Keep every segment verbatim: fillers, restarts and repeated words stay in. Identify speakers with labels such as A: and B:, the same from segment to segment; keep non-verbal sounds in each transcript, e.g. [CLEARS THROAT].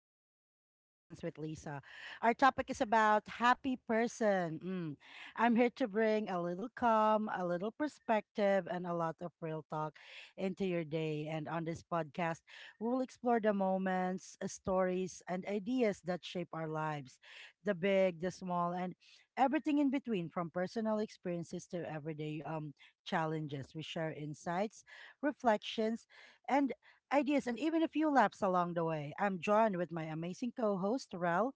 A: Everyday Reflections with Lisa. Our topic is about happy person. Mm. I'm here to bring a little calm, a little perspective, and a lot of real talk into your day. And on this podcast, we will explore the moments, uh, stories, and ideas that shape our lives, the big, the small, and everything in between, from personal experiences to everyday um, challenges. We share insights, reflections, and ideas, and even a few laps along the way. I'm John with my amazing co host, Rel,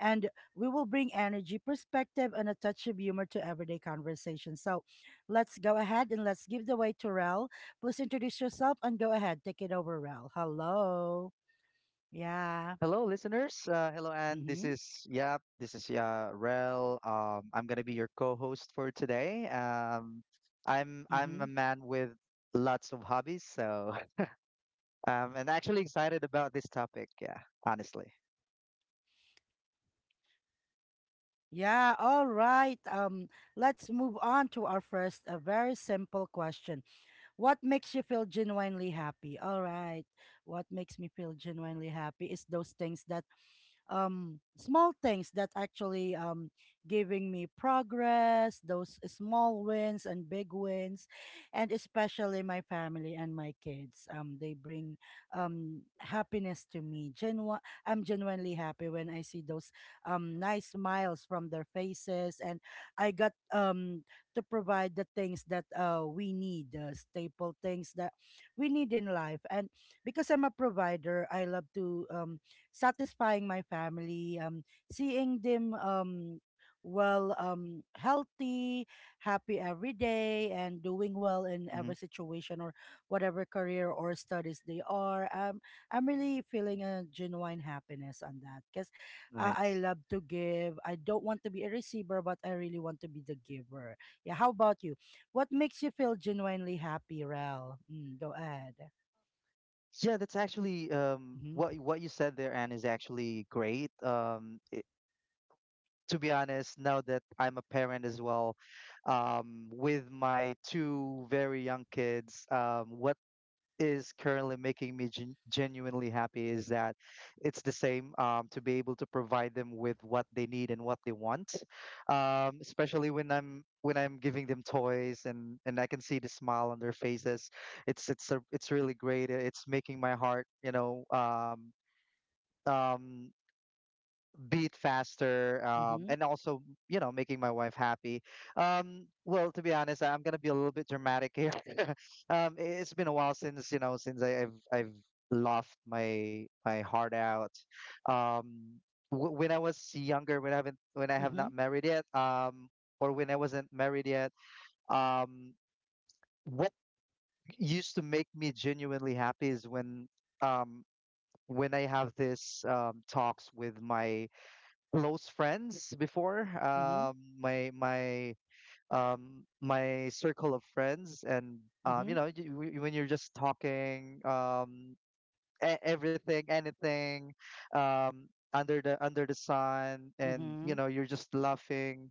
A: and we will bring energy, perspective, and a touch of humor to everyday conversation. So let's go ahead and let's give the way to Rel. Please introduce yourself and go ahead. Take it over, Rel. Hello. Yeah.
B: Hello, listeners. Uh, hello, Anne. This
A: Mm-hmm.
B: is Yap. This is yeah. Rel. Um, I'm gonna be your co-host for today. Um, I'm I'm
A: Mm-hmm.
B: a man with lots of hobbies, so [LAUGHS] um, and actually excited about this topic. Yeah, honestly.
A: Yeah, all right. Um, let's move on to our first, a very simple question. What makes you feel genuinely happy? All right. What makes me feel genuinely happy is those things that um small things that actually um giving me progress, those small wins and big wins, and especially my family and my kids, um they bring um happiness to me. Genu- I'm genuinely happy when I see those um nice smiles from their faces and I got um to provide the things that uh we need, uh, staple things that we need in life, and because I'm a provider, I love to um satisfying my family, um, seeing them, um, well, um, healthy, happy every day, and doing well in every
B: Hmm.
A: situation or whatever career or studies they are. Um, I'm really feeling a genuine happiness on that because uh, I
B: Nice.
A: love to give. I don't want to be a receiver, but I really want to be the giver. Yeah, how about you? What makes you feel genuinely happy, Rel? Mm, go ahead.
B: Yeah, that's actually um,
A: Mm-hmm.
B: what what you said there, Anne, is actually great. Um, it, to be honest, now that I'm a parent as well, um, with my two very young kids, um, what is currently making me gen- genuinely happy is that it's the same, um, to be able to provide them with what they need and what they want, um, especially when i'm when i'm giving them toys, and and I can see the smile on their faces. It's it's a, it's really great. Uh, it's making my heart, you know um, um, be it faster, um,
A: Mm-hmm.
B: and also, you know making my wife happy. Um, well, to be honest, I'm going to be a little bit dramatic here. [LAUGHS] Um, it's been a while since, you know since I, i've i've laughed my my heart out. um, w- when I was younger, when i haven't when I have
A: Mm-hmm.
B: not married yet, um, or when I wasn't married yet. um, what used to make me genuinely happy is when, um, when I have this, um, talks with my close friends before.
A: Mm-hmm.
B: Um, my my um my circle of friends, and, um,
A: Mm-hmm.
B: you know, y- w- when you're just talking, um, e- everything, anything, um, under the under the sun, and,
A: Mm-hmm.
B: you know, you're just laughing.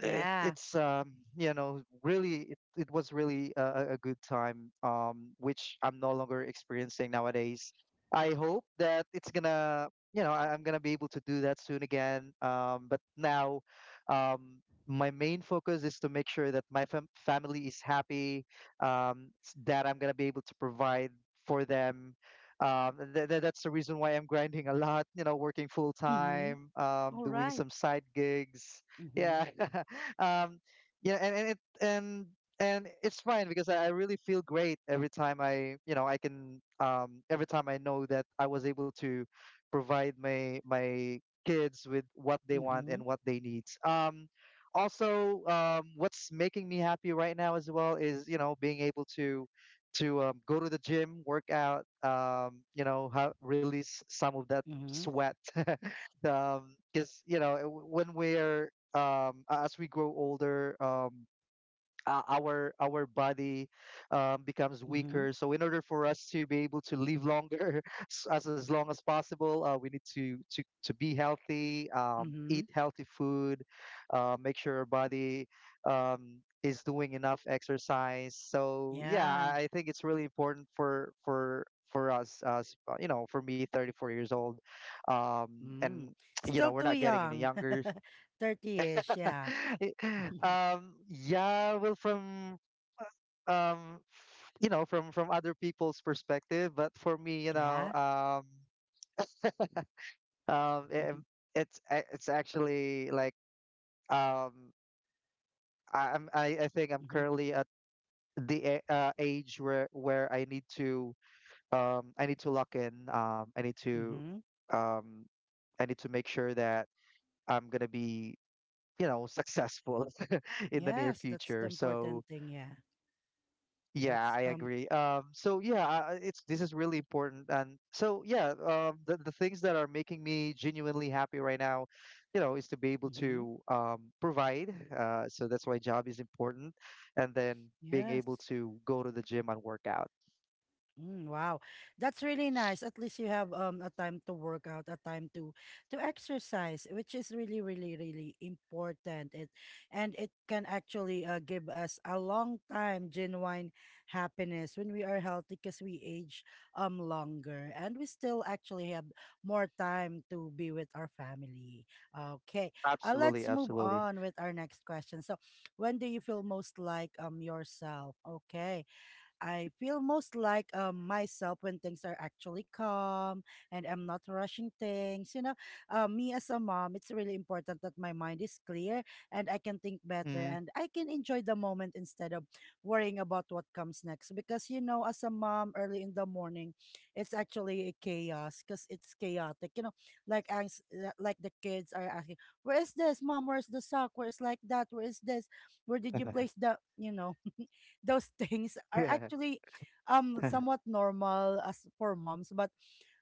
B: it,
A: Yeah.
B: it's um, you know really it, it was really a, a a good time, um, which I'm no longer experiencing nowadays. I hope that it's gonna you know I, I'm gonna be able to do that soon again, um, but now, um, my main focus is to make sure that my fam- family is happy, um, s- that I'm gonna be able to provide for them, um, th- th- that's the reason why I'm grinding a lot, you know, working full
A: Mhm.
B: time, um,
A: All
B: doing
A: right.
B: some side gigs, yeah.
A: Mhm.
B: [LAUGHS] um yeah and, and it and and it's fine because I, I really feel great, every time i you know i can um every time I know that I was able to provide my my kids with what they want and
A: Mhm.
B: what they need. Um also, um what's making me happy right now as well is, you know being able to, to um, go to the gym, work out, um you know how release some of that
A: Mhm.
B: sweat. [LAUGHS] Um because, you know when we're um, a- as we grow older, um, o- our our body, um, becomes
A: Mhm.
B: weaker. So in order for us to be able to live longer, [LAUGHS] s- as as long as possible, uh, we need to to to be healthy, um,
A: Mhm.
B: eat healthy food, uh, make sure our body, um, is doing enough exercise. So yeah,
A: Yeah.
B: I I think it's really important for for for us, as, uh, you know, for me, thirty-four years old, um,
A: Mm.
B: and [TSK] you
A: Still
B: know, we're
A: too
B: not getting any
A: young.
B: younger.
A: [LAUGHS] thirty-ish, yeah.
B: [LAUGHS]
A: [LAUGHS]
B: Um yeah, well, from, um you know from from other people's perspective, but for me, you know
A: Yeah.
B: um um it,
A: [LAUGHS]
B: it's a- it's actually like, um I, i'm I, I think I'm
A: Mhm.
B: currently at the a- uh, age where where I need to, um i need to lock in, um i need to
A: Mhm.
B: um I need to make sure that I'm gonna be, you know successful [LAUGHS] in the near
A: Yes, that's the
B: future,
A: important
B: so.
A: thing, yeah.
B: Yeah,
A: That's
B: I
A: um
B: agree. Um, so yeah, I- it's this is really important, and so yeah, um, the the things that are making me genuinely happy right now, you know, is to be able
A: mhm.
B: to, um, provide. Uh, so that's why job is important, and then being able
A: Yes.
B: to go to the gym and work out.
A: Mm, wow, that's really nice. At least you have um a time to work out, a time to to exercise, which is really, really, really important. It and it can actually uh, give us a long time genuine happiness when we are healthy, because we age um longer and we still actually have more time to be with our family. Okay, uh, let's
B: Absolutely,
A: move
B: absolutely.
A: on with our next question. So, when do you feel most like um yourself? Okay. I feel most like um, myself when things are actually calm and I'm not rushing things. You know, uh, me as a mom, it's really important that my mind is clear and I can think better
B: Mm.
A: and I can enjoy the moment instead of worrying about what comes next. Because, you know, as a mom, early in the morning, it's actually a chaos because it's chaotic. You know, like ans- li- like the kids are asking, "Where is this, mom? Where's the sock? Where's like that? Where is this? Where did you place
B: [LAUGHS]
A: the you know?" Those [LAUGHS] things are
B: Yeah.
A: actually um
B: [LAUGHS] Hmm.
A: somewhat normal as for moms, but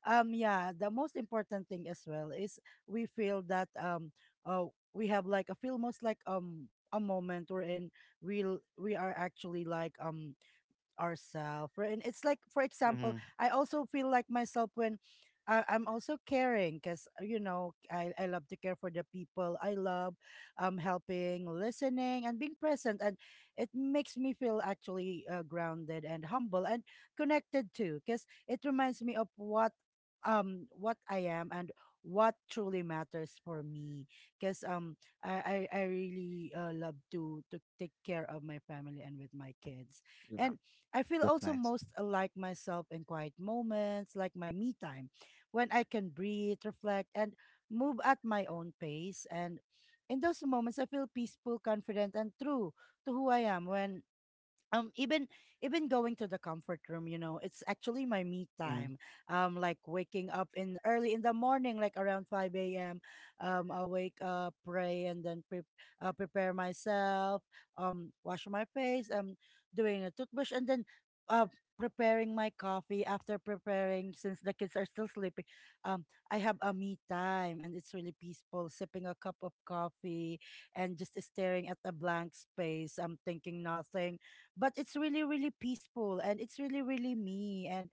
A: um yeah, the most important thing as well is we feel that um uh, we have like a feel most like um a moment wherein we we are actually like um ourselves. And it's like, for example, I also feel like myself when I, I'm also caring because, you know, I, I love to care for the people I love, um, helping, listening, and being present. And it makes me feel actually uh, grounded and humble and connected too, because it reminds me of what um what I am and what truly matters for me, because um I, I I really uh, love to to take care of my family and with my kids,
B: Yeah,
A: and I feel
B: that's
A: also
B: nice.
A: most like myself in quiet moments, like my me time, when I can breathe, reflect, and move at my own pace. And in those moments, I feel peaceful, confident, and true to who I am. When um even even going to the comfort room, you know, it's actually my me
B: Mm.
A: time. um like waking up in early in the morning like around five a.m, um I wake up, pray, and then pre- uh, prepare myself, um wash my face, um doing a toothbrush, and then uh preparing my coffee. After preparing, since the kids are still sleeping, um I have a me time and it's really peaceful sipping a cup of coffee and just staring at a blank space, I'm thinking nothing, but it's really really peaceful and it's really really me, and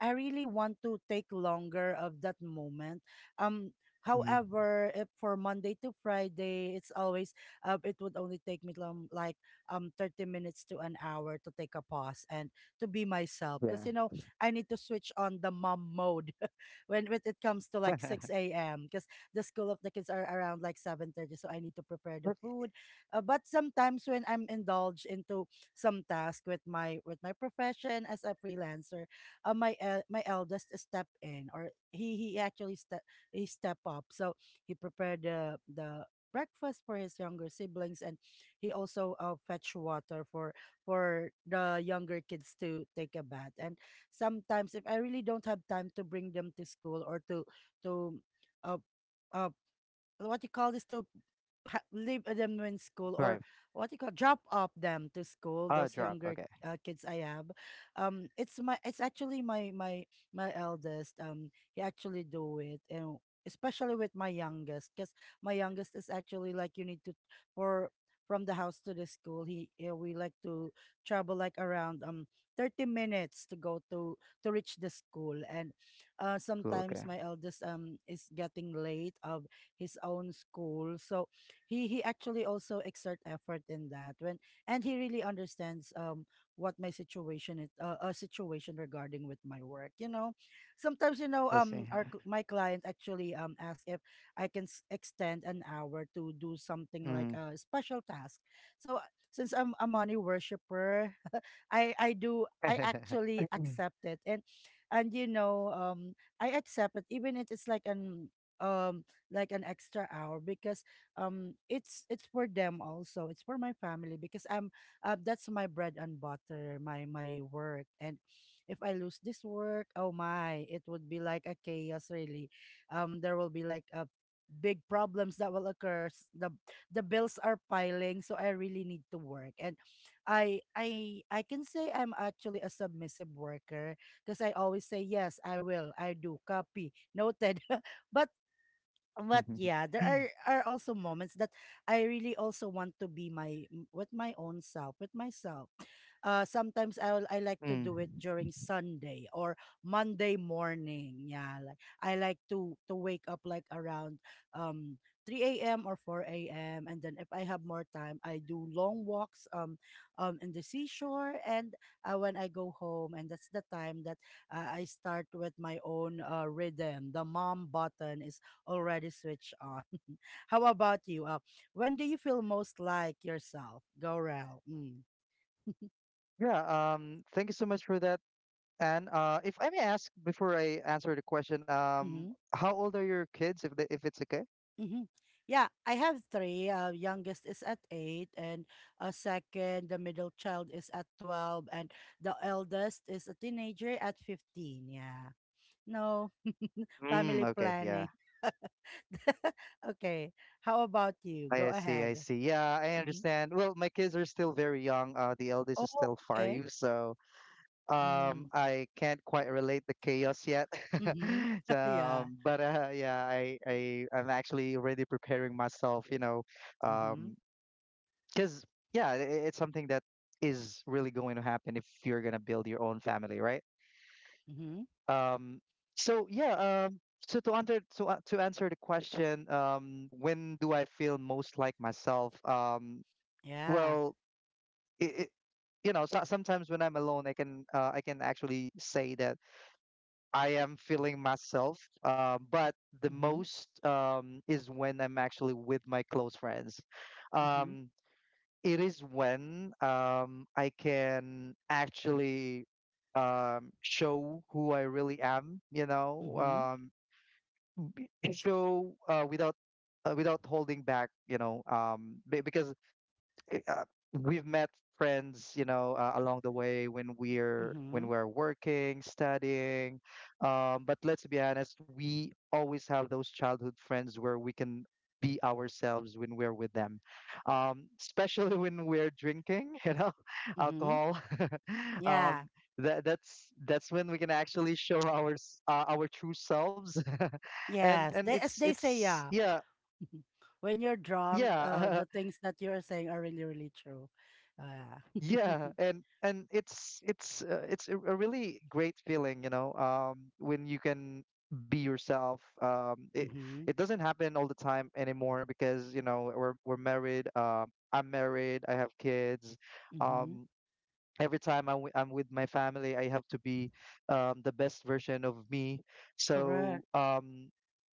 A: I really want to take longer of that moment. Um,
B: Hmm.
A: however, if for Monday to Friday, it's always uh, it would only take me long, like um thirty minutes to an hour to take a pause and to be myself, because
B: Yeah.
A: you know I need to switch on the mom mode [LAUGHS] when, when it comes to like
B: [LAUGHS]
A: six a m because the school of the kids are around like seven thirty, so I need to prepare the
B: Let's
A: food. uh, but sometimes when I'm indulged into some task with my with my profession as a freelancer, uh, my el- my eldest step in, or he he actually step, he step up, so he prepared the the breakfast for his younger siblings, and he also uh, fetch water for for the younger kids to take a bath. And sometimes if I really don't have time to bring them to school or to to uh, uh what you call this, to ha- leave them in school, or
B: drive.
A: what you call drop off them to school,
B: Ah,
A: those
B: drop.
A: younger
B: Okay.
A: uh, kids I have, um it's my, it's actually my my my eldest, um he actually do it, and especially with my youngest, because my youngest is actually like you need to for from the house to the school, he uh, we like to travel like around um thirty minutes to go to to reach the school. And uh
B: Cool.
A: sometimes
B: Okay.
A: my eldest um is getting late uh his own school. So he he actually also exert effort in that when, and he really understands um what my situation is, uh, a situation regarding with my work. You know, sometimes you know
B: Let's
A: um
B: see.
A: our cl- my client actually um asks if I can s- extend an hour to do something like
B: Mm-hmm.
A: a special task. So since I'm a money worshiper, [LAUGHS] I I do I actually
B: [LAUGHS]
A: accept it, and and you know um I accept it even if it's like an um like an extra hour, because um it's it's for them also, it's for my family, because I'm uh, that's my bread and butter, my my work. And if I lose this work, oh my, it would be like a chaos really. um there will be like a big problems that will occur. s- the the bills are piling, so I really need to work. And i i I can say I'm actually a submissive worker because I always say yes, I will, I do copy noted. [LAUGHS] but but yeah, there are are also moments that I really also want to be my m- with my own self, with myself. uh sometimes I will I like to
B: Mm.
A: do it during Sunday or Monday morning. Yeah, like I like to to wake up like around um three a.m or four a.m, and then if I have more time I do long walks, um um in the seashore, and uh, when I go home, and that's the time that uh, I start with my own uh, rhythm. The mom button is already switched on. [LAUGHS] How about you? Uh, when do you feel most like yourself? Go, Rel. Mm.
B: Yeah, um, thank you so much for that. And, uh, if I may ask before I answer the question, um,
A: Mm-hmm.
B: how old are your kids, if they, if it's okay?
A: Mm-hmm. Yeah, I have three. Uh, youngest is at eight, and a second, the middle child is at twelve, and the eldest is a teenager at fifteen. Yeah. No, [LAUGHS]
B: Mm,
A: family
B: okay, yeah.
A: planning. [LAUGHS] okay. How about you? Go
B: I see, I
A: ahead.
B: see. Yeah, I
A: Mm-hmm.
B: understand. Well, my kids are still very young. Uh, the eldest is
A: Oh,
B: still
A: okay.
B: five, so, um,
A: Mm.
B: I can't quite relate the chaos yet.
A: Mm-hmm.
B: [LAUGHS] So,
A: [LAUGHS] yeah.
B: um, but uh, Yeah, I, I, I'm actually already preparing myself, you know,
A: Mm-hmm.
B: um, because, yeah i- i- it's something that is really going to happen if you're going to build your own family, right?
A: Mm-hmm.
B: um so yeah um so to answer to, a- To answer the question, um when do I feel most like myself? Um
A: Yeah.
B: well, it, it you know so, sometimes when I'm alone, i can uh, i can actually say that I am feeling myself. Uh, but the
A: Mm-hmm.
B: most, um is when I'm actually with my close friends.
A: Mm-hmm.
B: um it is when, um, I can actually, um, show who I really am, you know.
A: Mm-hmm.
B: Um, and show, uh, without, uh, without holding back, you know. Um, be- because, eh, uh, we've met friends, you know, uh, along the way when we're
A: Mm-hmm.
B: when we're working, studying. Um, but let's be honest, we always have those childhood friends where we can be ourselves when we're with them, um, [LAUGHS] especially when we're drinking, [LAUGHS] you know,
A: Mm-hmm.
B: alcohol. [LAUGHS]
A: Yeah.
B: um, that that's that's when we can actually show our, s- uh, our true selves, [LAUGHS] and
A: Yes.
B: and
A: They
B: it's
A: as they say,
B: it's
A: yeah.
B: yeah,
A: [LAUGHS] when you're drunk, uh,
B: yeah.
A: the
B: [LAUGHS]
A: things that you're saying are really, really true. Uh, [LAUGHS]
B: Yeah, and and it's it's uh, it's a a really great feeling, you know, um, when you can be yourself. Um, it
A: mm-hmm.
B: it doesn't happen all the time anymore because, you know, we're we're married. Um, I'm married. I have kids.
A: Mm-hmm.
B: Um, every time I'm wi- I'm with my family, I have to be, um, the best version of me. So,
A: Correct.
B: um,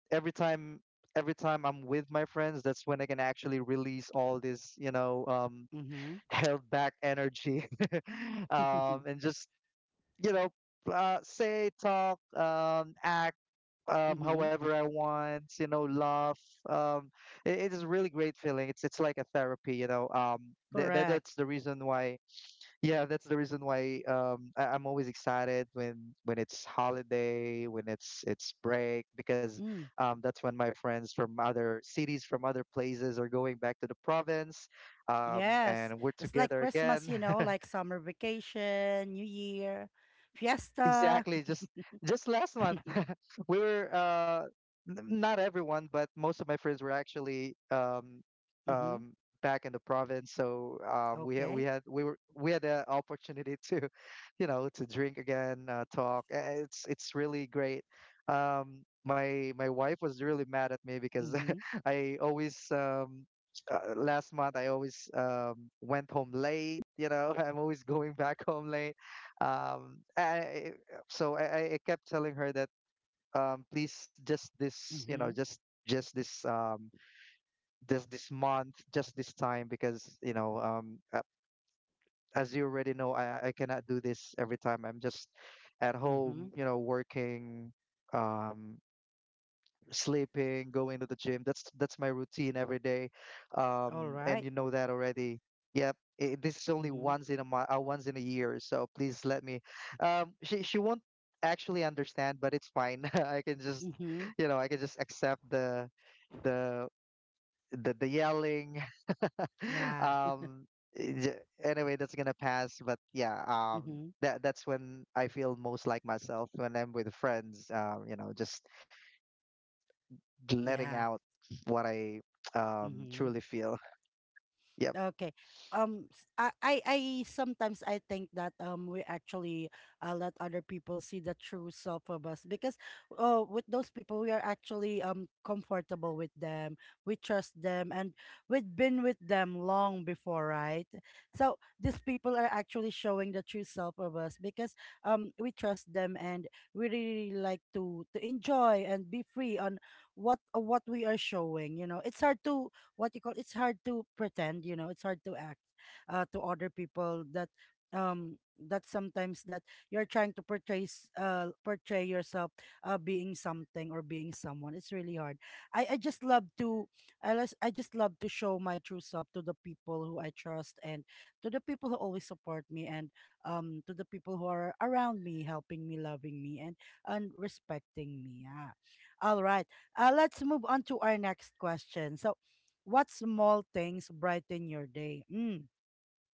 B: every time. Every time I'm with my friends, that's when I can actually release all this, you know, um,
A: Mm-hmm.
B: held back energy. [LAUGHS] Um,
A: [LAUGHS]
B: and just, you know uh, say, talk, um, act, um,
A: mm-hmm.
B: however I want, you know, laugh. um, it, it is a really great feeling. It's it's like a therapy, you know. um, th- that
A: Correct.
B: that's the reason why yeah that's the reason why, um, I, I'm always excited when when it's holiday, when it's it's break, because,
A: Mm.
B: um, that's when my friends from other cities, from other places, are going back to the province, um,
A: Yes.
B: and we're
A: It's like
B: together
A: Christmas,
B: again.
A: you know, like summer vacation, New Year, fiesta.
B: Exactly. Just just last month,
A: [LAUGHS]
B: [LAUGHS] we were uh, n- not everyone, but most of my friends were actually, um,
A: mm-hmm.
B: um, back in the province. So, um, we had we
A: Okay.
B: had we were we had the opportunity to, [LAUGHS] you know, to drink again, uh, talk. Uh, It's it's really great. Um, my my wife was really mad at me because
A: Mm-hmm.
B: [LAUGHS] I always um, uh, last month I always, um, went home late. You know, [LAUGHS] I'm always going back home late, um I, so, I, I I kept telling her that, um please, just this, you know
A: Mm-hmm.
B: just just this um just this month, just this time, because, you know um a- as you already know, I I cannot do this. Every time I'm just at
A: Mm-hmm.
B: home, you know working, um sleeping, going to the gym. That's that's my routine every day,
A: All
B: um, and
A: right.
B: you know that already. Yep, it, this is only
A: Mm-hmm.
B: once in a month, uh, once in a year. So please let me. Um, she she won't actually understand, but it's fine. [LAUGHS] I can just,
A: Mm-hmm.
B: you know, I can just accept the, the the, the yelling. [LAUGHS]
A: Yeah.
B: um, j- anyway, that's gonna pass. But yeah, um,
A: Mhm.
B: that that's when I feel most like myself, when I'm with friends. Um, you know, just letting
A: Yeah.
B: out what I, um
A: Mhm.
B: truly feel. [LAUGHS] Yep.
A: Okay. Um, s- I, I I sometimes I think that um we actually uh, let other people see the true self of us, because uh, with those people we are actually um comfortable with them, we trust them, and we've been with them long before, right? So these people are actually showing the true self of us, because um we trust them and we really like to to enjoy and be free on what what we are showing. You know, it's hard to what you call it's hard to pretend, you know it's hard to act uh, to other people that um that sometimes that you're trying to portray s- uh portray yourself uh being something or being someone. It's really hard. i i just love to i just i just love to show my true self to the people who I trust and to the people who always support me and um to the people who are around me, helping me, loving me, and and respecting me, yeah. All right, uh let's move on to our next question. so What small things brighten your day? Mm.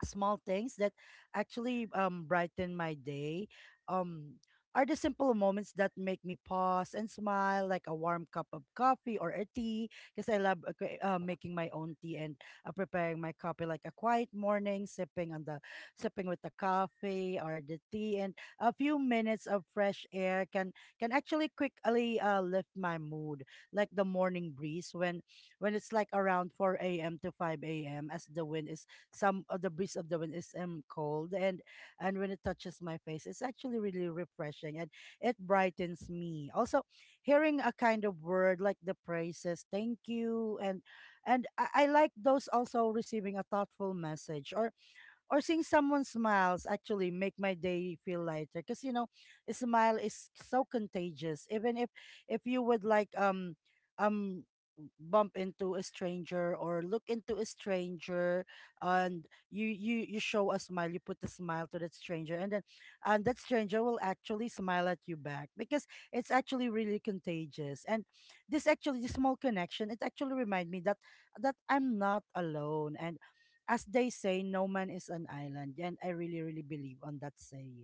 A: Small things that actually um brighten my day, um are the simple moments that make me pause and smile, like a warm cup of coffee or a tea, because I love uh, cre- uh, making my own tea and uh, preparing my coffee, like a quiet morning sipping on the sipping with the coffee or the tea. And a few minutes of fresh air can can actually quickly uh, lift my mood, like the morning breeze when when it's like around four a m a.m to five a m a.m, as the wind is, some of the breeze of the wind is um, cold, and and when it touches my face it's actually really refreshing, and it brightens me also. Hearing a kind of word, like the praises, thank you, and and i, I like those. Also, receiving a thoughtful message, or or seeing someone smiles, actually make my day feel lighter, because, you know, a smile is so contagious. Even if if you would like, um um bump into a stranger or look into a stranger, and you you you show a smile, you put a smile to that stranger, and then and that stranger will actually smile at you back, because it's actually really contagious. And this actually this small connection, it actually remind me that that I'm not alone. And as they say, no man is an island. And I really, really believe on that saying.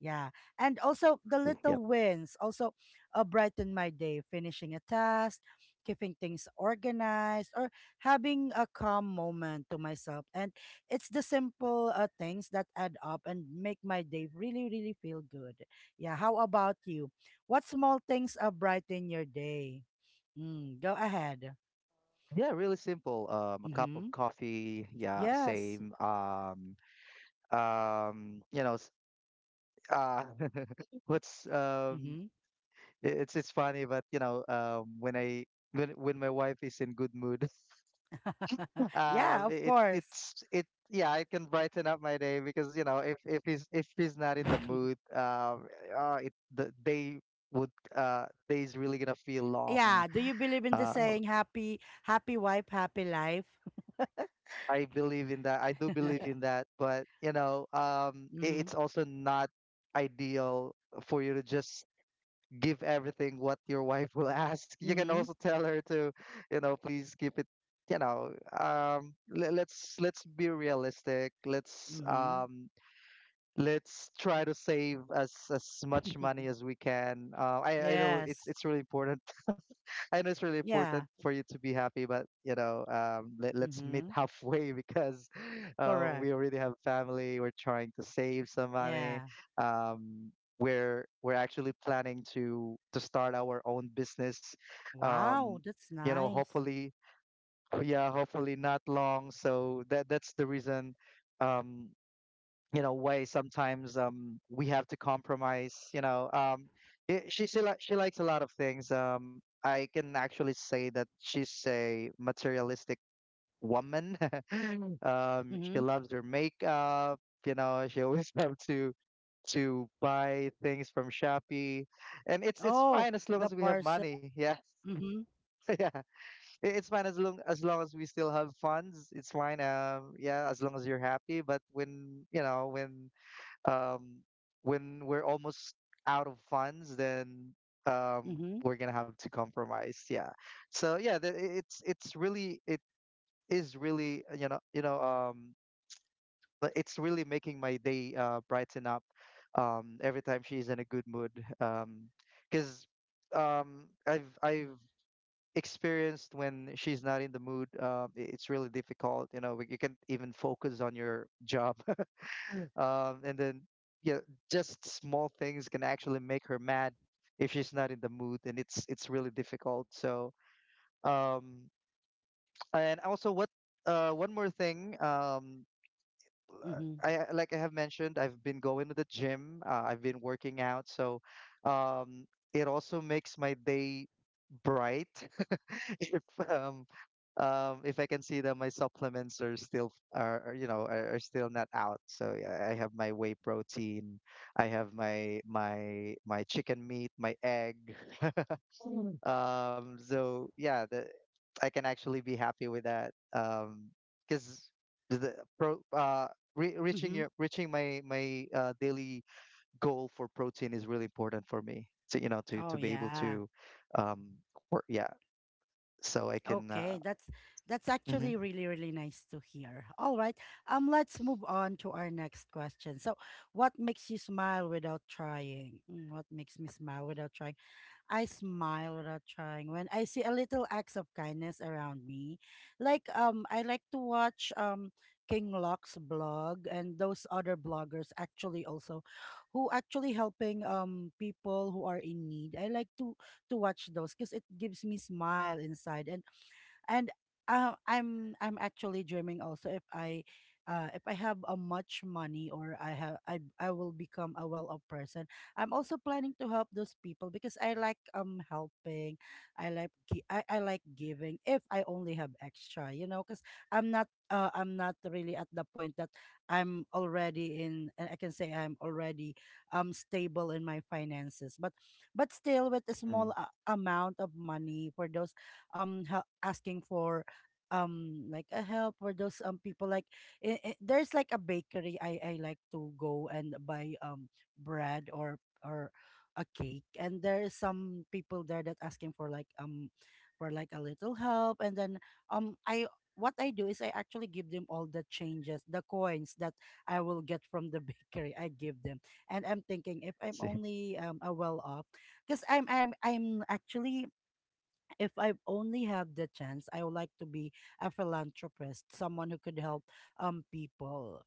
A: Yeah. And also the little
B: Yep.
A: wins also uh, brighten my day, finishing a task, keeping things organized, or having a calm moment to myself. And it's the simple uh, things that add up and make my day really, really feel good. Yeah. How about you? What small things uh, brighten your day? Mm, go ahead.
B: Yeah, really simple. Um, a cup of
A: Mm-hmm.
B: coffee. Yeah,
A: Yes.
B: same. Um, um, you know, s- uh, [LAUGHS] what's um,
A: Mm-hmm.
B: I- it's it's funny, but, you know, um, when I when when my wife is in good mood,
A: [LAUGHS]
B: [LAUGHS]
A: yeah,
B: um,
A: of
B: it
A: course.
B: it's it yeah, it can brighten up my day, because you know, if if he's if he's not in the mood,
A: [LAUGHS]
B: um, uh, it the day would uh days really gonna feel long.
A: yeah. Do you believe in the
B: Uh,
A: saying, happy happy wife, happy life?
B: I believe in that. I do
A: [LAUGHS]
B: believe in that, but you know, um, i-
A: mm-hmm.
B: it's also not ideal for you to just give everything what your wife will [LAUGHS] ask. You can
A: Mm-hmm.
B: also tell her to, you know, please keep it. You know, um, le- let's let's be realistic. Let's
A: Mm-hmm.
B: um, let's try to save as as much money
A: [LAUGHS]
B: as we can. Uh, I I know it's
A: yes.
B: it's really important. I know it's really important
A: Yeah.
B: for you to be happy, but, you know, um, let, let's meet
A: Mm-hmm.
B: halfway, [LAUGHS] because, um,
A: Correct.
B: we already have family. We're trying to save some
A: Yeah.
B: money. Um, we're we're actually planning to to start our own business. Um,
A: Wow, that's
B: you know,
A: nice.
B: hopefully, yeah, hopefully not long. So that that's the reason. Um, you know way sometimes um we have to compromise you know um it, she she, li- she likes a lot of things. um I can actually say that she's a materialistic woman. [LAUGHS] Um she
A: Mm-hmm.
B: loves her makeup. You know, she always [LAUGHS] loves to to buy things from Shopee, and it's it's
A: Oh,
B: fine as long
A: the
B: as we have
A: parcel.
B: money. Yeah.
A: Mm-hmm.
B: [LAUGHS] Yeah. It- it's fine as long as long as we still have funds. It's fine. Um yeah, as long as you're happy. But when you know when um, when we're almost out of funds, then um,
A: Mm-hmm.
B: we're gonna have to compromise. Yeah. So yeah, the, it's it's really it is really uh, you know you know um, but it's really making my day uh, brighten up um, every time she's in a good mood. Um, because um, I've I've experienced when she's not in the mood, uh, i- it's really difficult. You know, you can't even focus on your job um, and then, yeah, just small things can actually make her mad if she's not in the mood, and it's it's really difficult. So, um, and also what uh, one more thing, um, l-
A: Mm-hmm.
B: I I- like I have mentioned, I've been going to the gym. uh, I've been working out, so um, it also makes my day bright [LAUGHS] if um um, if I can see that my supplements are still are are, you know are, are still not out. So yeah, I have my whey protein, I have my my my chicken meat, my egg. Mm. Um, so yeah, the, I can actually be happy with that. Um, because the pro uh. Re- reaching
A: Mm-hmm.
B: your reaching my my uh, daily goal for protein is really important for me to you know to
A: Oh
B: to be able
A: yeah.
B: to um work. Yeah. So I can uh
A: Okay, that's that's
B: mhm.
A: actually really really nice to hear. All right, um, let's move on to our next question. So, what makes you smile without trying? Mm. What makes me smile without trying? I smile without trying when I see a little acts of kindness around me. Like, um, I like to watch um King Locke's blog and those other bloggers actually also, who actually helping um people who are in need. I like to to watch those because it gives me smile inside. and and uh, i'm i'm actually dreaming also, if i uh, if I have a much money, or I have, I I will become a well-off person. I'm also planning to help those people because I like um helping. I like gi- I, I like giving, if I only have extra, you know. Because I'm not, uh, I'm not really at the point that I'm already in uh, I can say I'm already um stable in my finances. But but still, with a
B: Mm.
A: small uh, amount of money, for those um hel- asking for um like a help, for those um people. Like, i i- there's like a bakery I I like to go and buy um bread or or a cake, and there's some people there that asking for like um for like a little help. And then um I, what I do is, I actually give them all the changes, the coins that I will get from the [LAUGHS] bakery. I give them, and I'm thinking, if I'm
B: Let's see.
A: only um a well off, because I'm I'm I'm actually, if I only have the chance, I would like to be a philanthropist, someone who could help um people.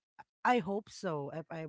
A: I hope so. If I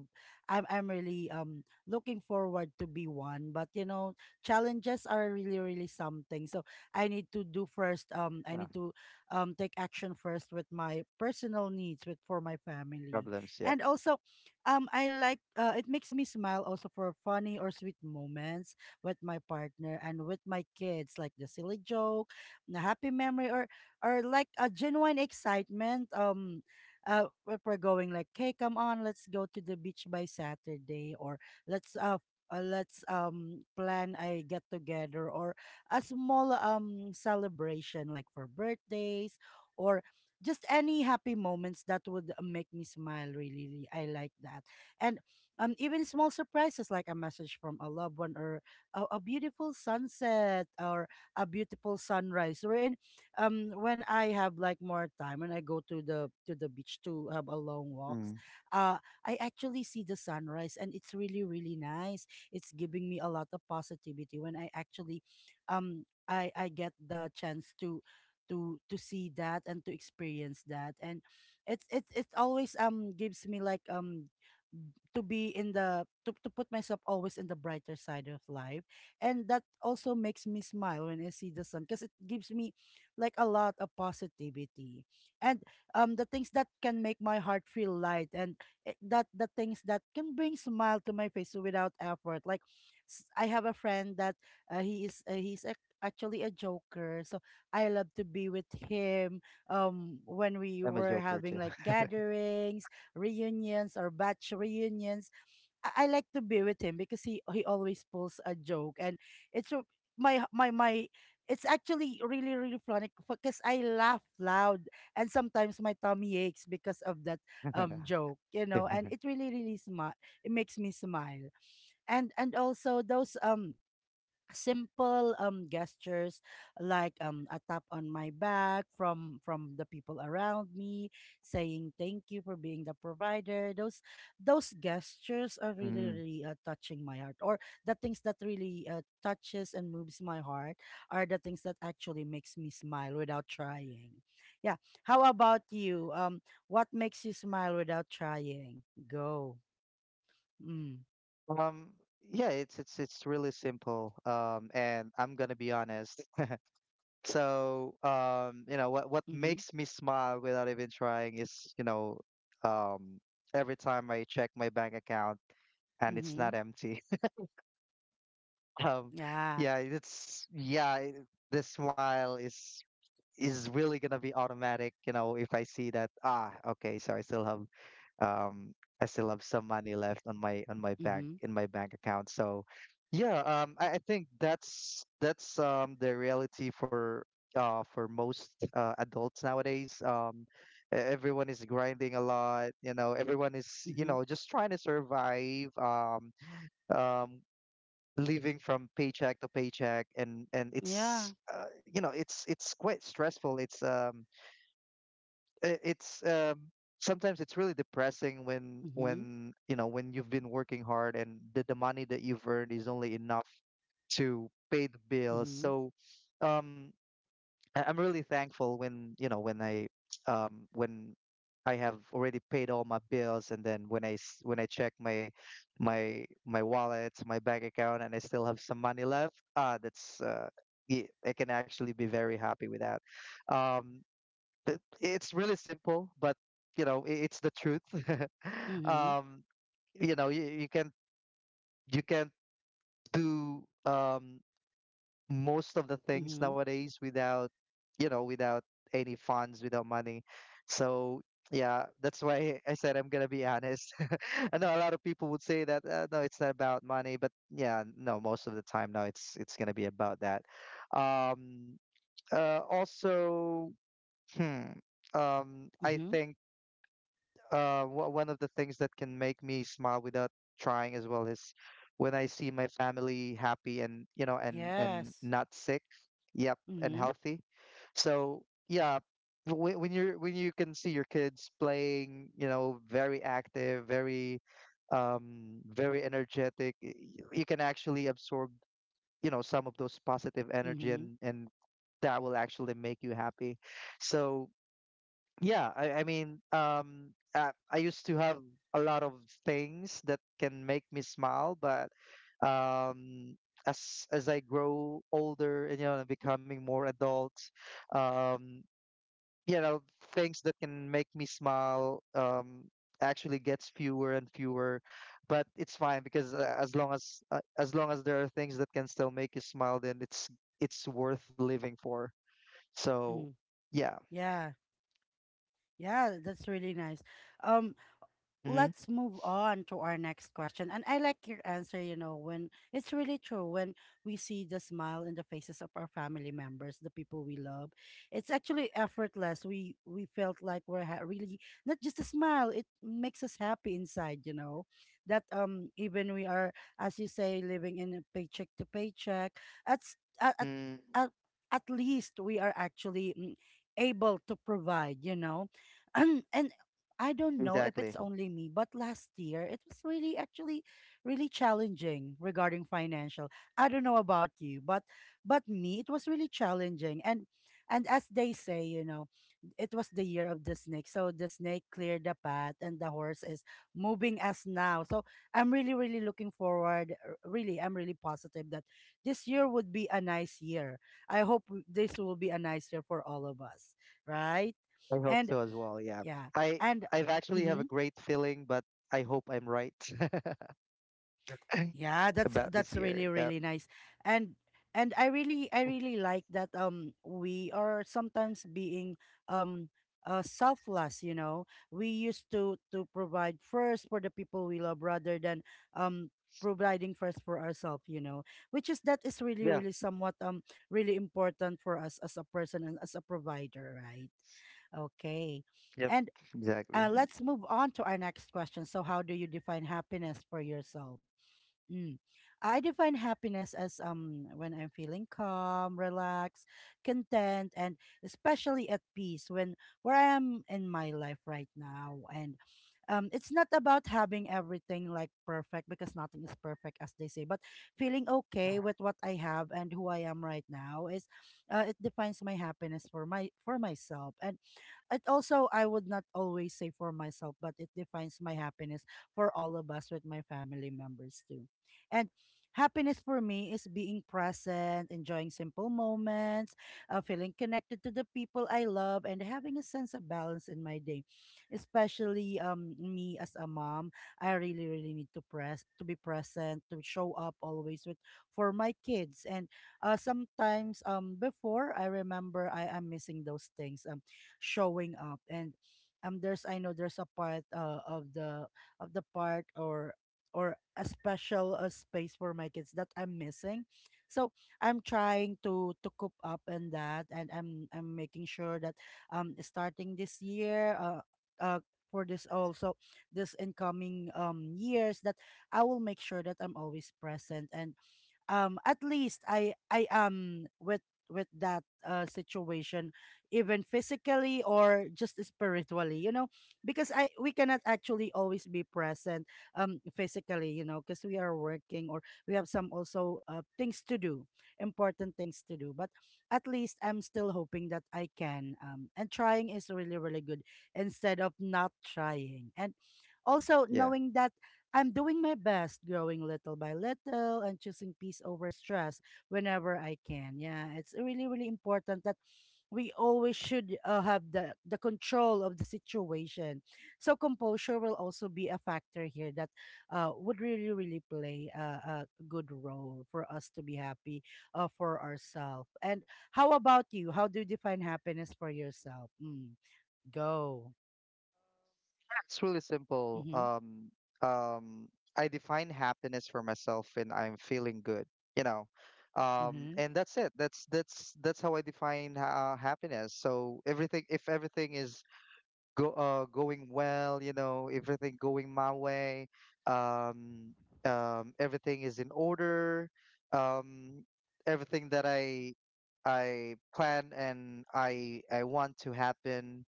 A: I'm I'm really um looking forward to be one. But you know, challenges are really really something. So I need to do first, um I
B: Uh,
A: need to um take action first with my personal needs, with for my family.
B: problems, yep.
A: And also, um I like, uh, it makes me smile also for funny or sweet moments with my partner and with my kids, like the silly joke, the happy memory, or or like a genuine excitement. Um, uh, if we're going like, hey, come on, let's go to the beach by Saturday. Or let's uh. Uh, let's um plan a get together, or a small um celebration, like for birthdays, or just any happy moments that would uh, make me smile, really, really. I like that. And um even small surprises, like a message from a loved one, or a, a beautiful sunset, or a beautiful sunrise. Wherein, um, when I have like more time and I go to the to the beach to have a long walks,
B: Mm.
A: uh, I actually see the sunrise, and it's really really nice. It's giving me a lot of positivity when I actually, um, I I get the chance to. To, to see that, and to experience that. And it's it's it always um gives me like, um to be in the to, to put myself always in the brighter side of life. And that also makes me smile when I see the sun, because it gives me like a lot of positivity. And um the things that can make my heart feel light, and it- that the things that can bring smile to my face without effort, like, s- I have a friend that, uh, he is uh, he's ac- actually a joker, so I love to be with him, um when we
B: I'm a
A: were
B: joker
A: having
B: too.
A: like gatherings, reunions, or batch reunions. I, I like to be with him because he he always pulls a joke. And it's r- my my my. It's actually really really funny, because I laugh loud, and sometimes my tummy aches because of that um
B: [LAUGHS]
A: joke, you
B: Yeah.
A: know. And it really really smart. It makes me smile. And and also those um simple um gestures, like um a tap on my back, from from the people around me saying thank you for being the provider. Those those gestures are really
B: Mm.
A: really uh, touching my heart. Or the things that really uh, touches and moves my heart, are the things that actually makes me smile without trying, yeah. How about you? Um what makes you smile without trying? Go. Mm.
B: Um, yeah, it's it's it's really simple. Um, and I'm gonna be honest. [LAUGHS] So, um, you know, what what
A: Mhm.
B: makes me smile without even trying is, you know, um, every time I check my bank account and it's not
A: Mhm.
B: empty. [LAUGHS] Um,
A: Yeah.
B: yeah, it's yeah, it- the smile is is really gonna be automatic. You know, if I see that, ah, okay, so I still have um I still have some money left on my on my bank
A: Mhm.
B: in my bank account. So yeah, um I, I think that's that's um the reality for uh for most uh adults nowadays. Um e- everyone is grinding a lot. You know, everyone is, you
A: Mhm.
B: know, just trying to survive, um um living from paycheck to paycheck, and and
A: Yeah.
B: it's uh, you know, it's it's quite stressful. It's um I- it's um, Sometimes it's really depressing when
A: Mhm,
B: when you know when you've been working hard and the, the money that you've earned is only enough to pay the bills.
A: mhm,
B: So um, I- I'm really thankful when you know when I um, when I have already paid all my bills, and then when I s- when I check my my my wallet, my bank account, and I still have some money left. Ah, that's uh, yeah, I can actually be very happy with that. Um, it- it's really simple, but you know, i- it's the truth. [LAUGHS]
A: mhm,
B: um, you know, you, you can you can do um, most of the things
A: mhm,
B: nowadays without, you know, without any funds, without money. So yeah, that's why I said I'm gonna be honest. [LAUGHS] I know a lot of people would say that uh, no, it's not about money. But yeah, no, most of the time now it's it's gonna be about that. Um, uh, also, hmm, um, I
A: mhm.
B: think uh, wha- one of the things that can make me smile without trying as well is when I see my family happy, and you know and and
A: Yes.
B: not sick, yep, and
A: Mhm,
B: healthy. So yeah, when, when you're when you can see your kids playing, you know, very active, very um very energetic, y- you can actually absorb, you know, some of those positive energy,
A: mhm.
B: and and that will actually make you happy. So yeah, I, I mean, um, uh, I used to have a lot of things that can make me smile, but um, as as I grow older and you know becoming more adult, um, you know, things that can make me smile um, actually gets fewer and fewer. But it's fine because uh, as long as uh, as long as there are things that can still make you smile, then it's it's worth living for. So
A: Mm,
B: yeah,
A: yeah, yeah, that's really nice. Um,
B: mm-hmm.
A: let's move on to our next question. And I like your answer, you know, when it's really true. When we see the smile in the faces of our family members, the people we love, it's actually effortless. We we felt like we're ha- really, not just a smile, it makes us happy inside, you know. That, um even we are, as you say, living in a paycheck to paycheck, at s- at at,
B: Mm,
A: at at least we are actually, mm, able to provide, you know. [CLEARS THROAT] and I don't know if
B: exactly.
A: it's only me, but last year it was really actually really challenging regarding financial. I don't know about you, but but me, it was really challenging. And and as they say, you know, it was the year of the snake. So the snake cleared the path, and the horse is moving us now. So I'm really really looking forward, r- really I'm really positive that this year would be a nice year. I hope, w- this will be a nice year for all of us, right?
B: I hope
A: And
B: so as well. Yeah.
A: yeah.
B: I
A: And
B: I've actually have a
A: mm-hmm.
B: great feeling, but I hope I'm right
A: Yeah,
B: [LAUGHS]
A: that's
B: about this
A: that's
B: year.
A: really
B: Yeah.
A: really nice. And and I really I really like that, um we are sometimes being um uh selfless, you know. We used to to provide first for the people we love, rather than um providing first for ourselves, you know. Which is that is really
B: Yeah.
A: really somewhat um really important for us as a person and as a provider, right? Okay.
B: Yep.
A: And uh,
B: Exactly.
A: let's move on to our next question. So, how do you define happiness for yourself? Mm. I define happiness as, um when I'm feeling calm, relaxed, content, and especially at peace when where I am in my life right now. And um, it's not about having everything like perfect, because nothing is perfect, as they say. But feeling okay with
B: Mhm.
A: what I have and who I am right now is, uh, it defines my happiness for my for myself. And it also, I would not always say for myself, but it defines my happiness for all of us with my family members too. And happiness for me is being present, enjoying simple moments, uh, feeling connected to the people I love, and having a sense of balance in my day. Especially um, me as a mom, I really, really need to press to be present, to show up always with for my kids. And uh, sometimes um before I remember I am missing those things. Um showing up, and um there's I know there's a part, uh, of the of the part, or or a special, uh, space for my kids that I'm missing. So I'm trying to to cope up in that, and i'm i'm making sure that, um starting this year, uh, uh for this also, this incoming um years, that I will make sure that I'm always present, and um at least i i am with with that, uh, situation, even physically or just spiritually, you know because I we cannot actually always be present, um physically, you know because we are working, or we have some also, uh, things to do, important things to do. But at least I'm still hoping that I can, um and trying is really, really good instead of not trying, and also
B: Yeah.
A: knowing that I'm doing my best, growing little by little and choosing peace over stress whenever I can. Yeah, it's really, really important that we always should, uh, have the, the control of the situation. So, composure will also be a factor here that uh, would really, really play a, a good role for us to be happy, uh, for ourselves. And how about you? How do you define happiness for yourself? Mm, go.
B: It's really simple.
A: Mm-hmm,
B: Um, um, I define happiness for myself when I'm feeling good, you know. Um,
A: mm-hmm,
B: and that's it. That's that's that's how I define uh, happiness. So everything, if everything is go uh, going well, you know, everything going my way. Um, um, everything is in order. Um, Everything that I I plan and I I want to happen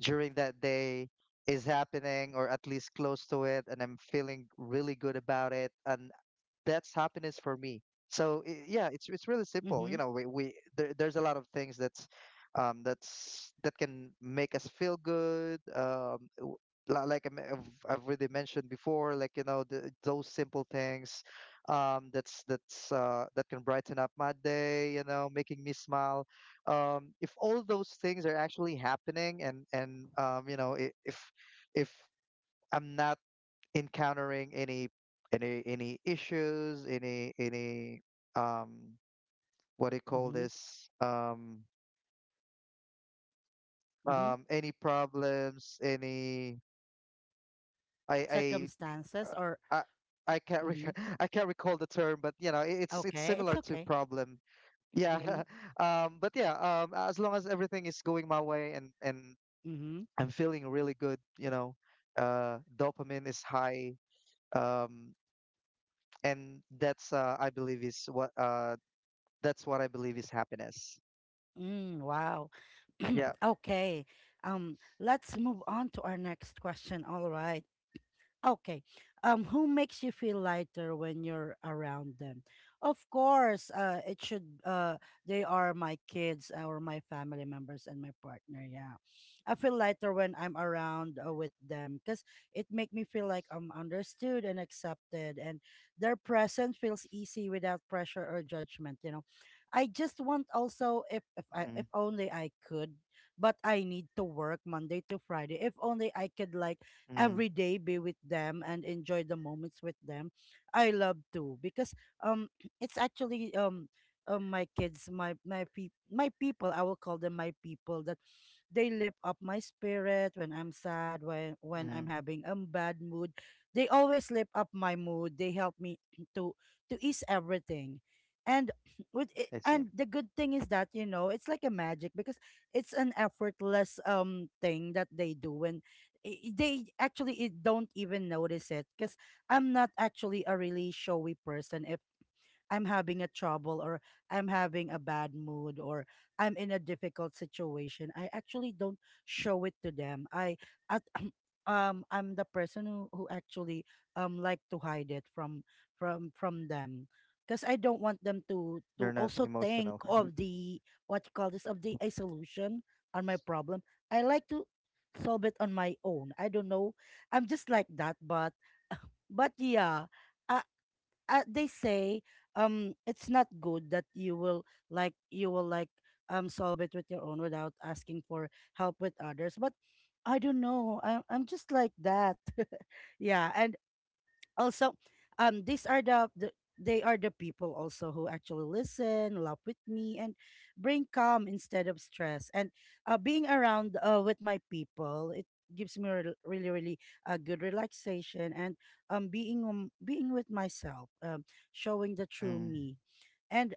B: during that day is happening, or at least close to it, and I'm feeling really good about it. And that's happiness for me. So i- yeah, it's it's really simple. You
A: mm-hmm,
B: know, we, we there, there's a lot of things that's um that's that can make us feel good. Um, w- li- like I me- I've, I've already mentioned before, like you know, the, those simple things, um that's that's uh that can brighten up my day. You know, making me smile. Um, if all those things are actually happening, and and um you know i- if if I'm not encountering any any any issues, any any um what do you call
A: mm-hmm,
B: this? Um
A: mm-hmm.
B: um any problems, any I I
A: Circumstances,
B: uh,
A: or
B: I I can't
A: mm-hmm.
B: rec- [LAUGHS] I can't recall the term, but you know, i- it's it's
A: Okay, it's
B: similar to
A: okay.
B: problem. Yeah.
A: Mm-hmm.
B: [LAUGHS] Um, but yeah, um, as long as everything is going my way, and and
A: Mm-hmm.
B: I'm feeling really good, you know, uh, dopamine is high, um, and that's uh, I believe is what uh, that's what I believe is happiness.
A: Mm, wow.
B: Yeah.
A: [CLEARS THROAT] Okay, um let's move on to our next question, all right? Okay. Um, who makes you feel lighter when you're around them? Of course, uh, it should. Uh, they are my kids, or my family members, and my partner. Yeah, I feel lighter when I'm around, uh, with them, because it make me feel like I'm understood and accepted, and their presence feels easy without pressure or judgment. You know, I just want also, if if I
B: Mm-hmm.
A: if only I could, but I need to work Monday to Friday. If only I could, like,
B: Mm-hmm.
A: every day be with them and enjoy the moments with them. I love to, because um [CLEARS THROAT] it's actually, um um, my kids, my my pe- my people, I will call them my people. That they lift up my spirit when I'm sad, when when I'm
B: Hmm.
A: having a bad mood. They always lift up my mood. They help me [CLEARS THROAT] to to ease everything. And [CLEARS THROAT] with it,
B: I see.
A: and the good thing is that, you know, it's like a magic, because it's an effortless um thing that they do, and i- i- they actually, i- don't even notice it, because I'm not actually a really showy person. If I'm having a trouble, or I'm having a bad mood, or I'm in a difficult situation, I actually don't show it to them. I at [CLEARS THROAT] um I'm the person who, who actually um like to hide it from from from them. Because I don't want them to to
B: You're not
A: also think
B: emotional.
A: of the, what you call this, of the a solution on my problem. I like to solve it on my own. I don't know. I'm just like that, but but yeah. I uh, They say um it's not good that, you will like you will, like, um solve it with your own without asking for help with others, but I don't know, I, I'm just like that. [LAUGHS] Yeah. Also, um these are the, the they are the people also, who actually listen, laugh with me, and bring calm instead of stress. And uh, being around, uh, with my people, it gives me rel- really, really a good relaxation, and um being, um, being with myself, um, showing the true
B: Mm.
A: me. And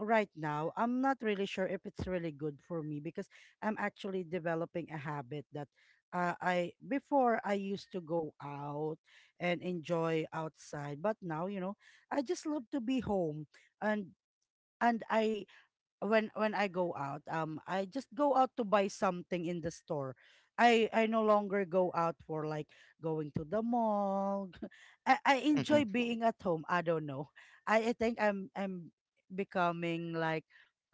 A: right now, I'm not really sure if it's really good for me, because I'm actually developing a habit that, uh, I before I used to go out and enjoy outside, but now, you know I just love to be home. And and I when when I go out, um, I just go out to buy something in the store. I I no longer go out for, like, going to the mall. [LAUGHS] I I
B: Mm-mm.
A: enjoy being at home. I don't know. I I think I'm I'm becoming, like,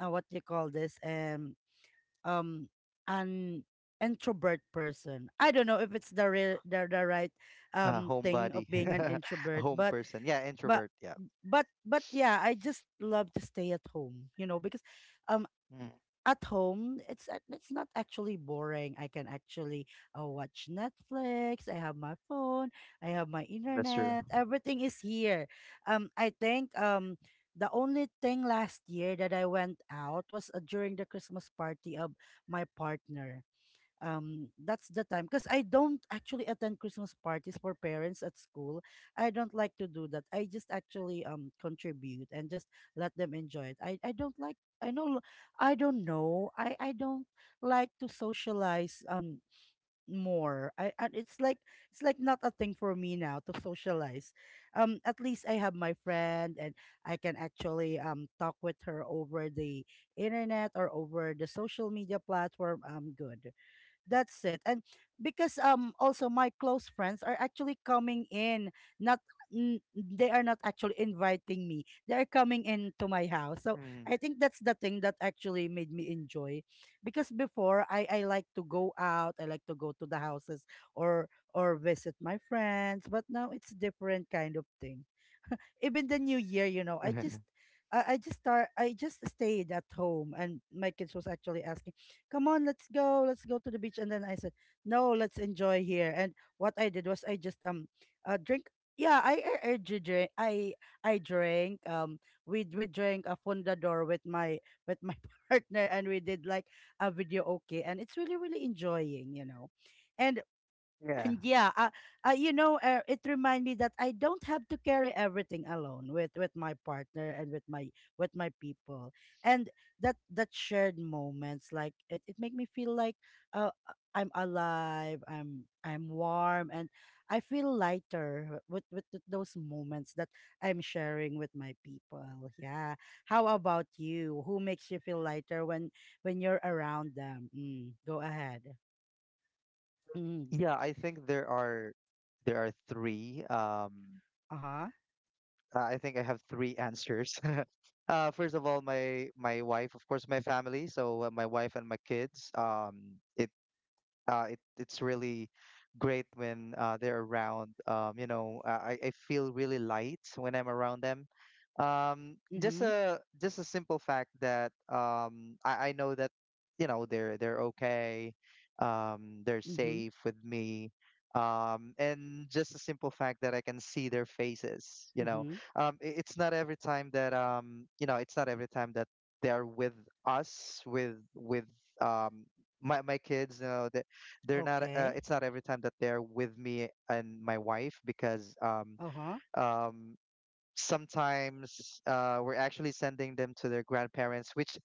A: uh, what do you call this, um um an introvert person. I don't know if it's the, re- the the right
B: A
A: um thing
B: homebody,
A: of being an
B: [LAUGHS] a
A: introvert,
B: home
A: but
B: person. Yeah,
A: but
B: introvert. Yeah.
A: but but yeah, I just love to stay at home, you know, because, um,
B: Mm,
A: at home it's, a- it's not actually boring. I can actually, uh, watch Netflix, I have my phone, I have my
B: that's true.
A: internet, everything is here. um I think, um the only thing last year that I went out was, uh, during the Christmas party of my partner. um that's the time, because I don't actually attend Christmas parties for parents at school. I don't like to do that, I just actually um contribute and just let them enjoy it. i i don't like, I know, I don't know, i i don't like to socialize um more I And it's like, it's like not a thing for me now to socialize. um at least I have my friend, and I can actually um talk with her over the internet, or over the social media platform, I'm good, that's it. And because um also my close friends are actually coming in, not, n- they are not actually inviting me. They are coming into my house. So
B: Mm.
A: I think that's the thing that actually made me enjoy. Because before, I I like to go out, I like to go to the houses, or or visit my friends, but now it's different kind of thing. Even the new year, you know, I just
B: [LAUGHS]
A: I, I just start I just stayed at home, and my kids was actually asking, come on, let's go, let's go to the beach. And then I said, no, let's enjoy here. And what I did was, I just, um uh, drink. Yeah, i i, I drank, I I drank, um we we drank a fundador with my with my [LAUGHS] partner, and we did, like, a video. Okay, and it's really, really enjoying, you know. and
B: Yeah.
A: and yeah, uh, uh, you know, uh, it reminded me that I don't have to carry everything alone, with with my partner, and with my with my people, and that that shared moments, like it, it make me feel like, uh uh, I'm alive, I'm I'm warm, and I feel lighter with with th- those moments that I'm sharing with my people. Yeah, how about you? Who makes you feel lighter when when you're around them? Mm, go ahead. Mm,
B: Yeah, I think there are there are three. Um,
A: uh
B: uh, I think I have three answers. [LAUGHS] Uh, first of all, my my wife, of course, my family. So uh, my wife and my kids. Um, it uh, it, it's really great when uh, they're around. Um, you know, I, I feel really light when I'm around them. Um, just
A: huh.
B: a just a simple fact that um, I, I know that you know they're they're okay, um, they're
A: Mhm,
B: safe with me, um, and just a simple fact that I can see their faces. You know,
A: mhm.
B: um, it, it's not every time that um, you know it's not every time that they're with us with with um, my my kids. You know, they they're not uh,
A: Okay.
B: it's not every time that they're with me and my wife, because um
A: Uh-huh.
B: um sometimes uh we're actually sending them to their grandparents, which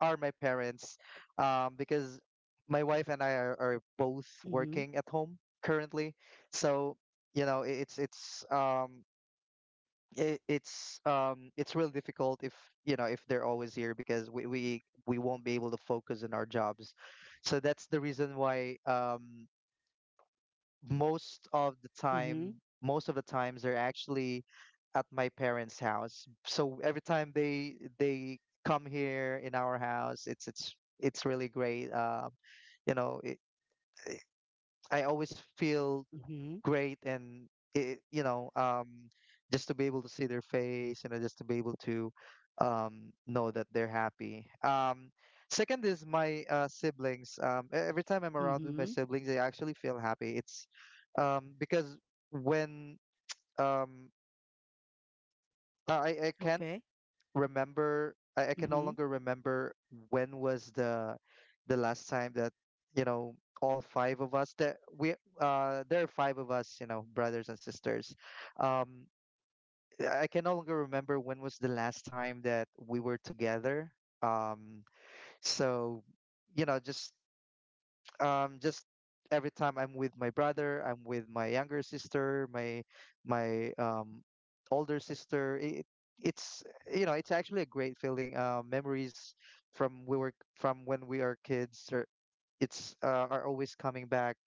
B: are my parents, um because my wife and I are, are both
A: Mhm,
B: working at home currently, so you know I- it's it's um it, it's um it's real difficult if you know if they're always here, because we we we won't be able to focus on our jobs. So that's the reason why um most of the
A: mhm,
B: time, most of the times they're actually at my parents' house. So every time they they come here in our house, it's it's it's really great. Um, you know, it, I always feel
A: mhm,
B: great, and it, you know um just to be able to see their face, you know, just to be able to um know that they're happy. Um second is my uh siblings. Um e- every time I'm around with my
A: mhm.
B: siblings, I actually feel happy. It's um Because when um i i can
A: Okay.
B: remember I, I can no
A: Mhm,
B: longer remember when was the the last time that you know all five of us that we uh there are five of us, you know, brothers and sisters. um I I can no longer remember when was the last time that we were together. um so you know just um just every time I'm with my brother, I'm with my younger sister, my my um older sister. It, it's, you know, it's actually a great feeling. Uh, memories from we were from when we are kids are it's uh, are always coming back.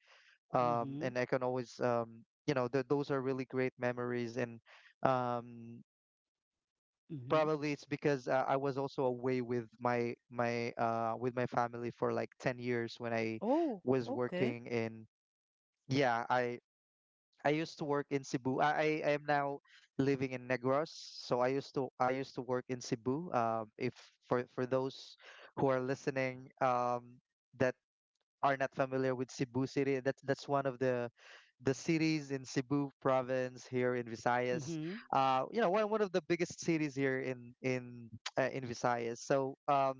B: Um,
A: mhm,
B: and I can always um you know th those are really great memories. And um
A: mhm.
B: probably it's because uh, I was also away with my my uh with my family for like ten years when I
A: Oh,
B: was
A: okay.
B: working in. Yeah, I I used to work in Cebu. I, I I am now living in Negros, so I used to I used to work in Cebu. Um, if for for those who are listening, um, that are not familiar with Cebu City, that's that's one of the the cities in Cebu province here in Visayas.
A: Mhm,
B: Uh, you know, one one of the biggest cities here in in [TSK] uh, in Visayas. So um,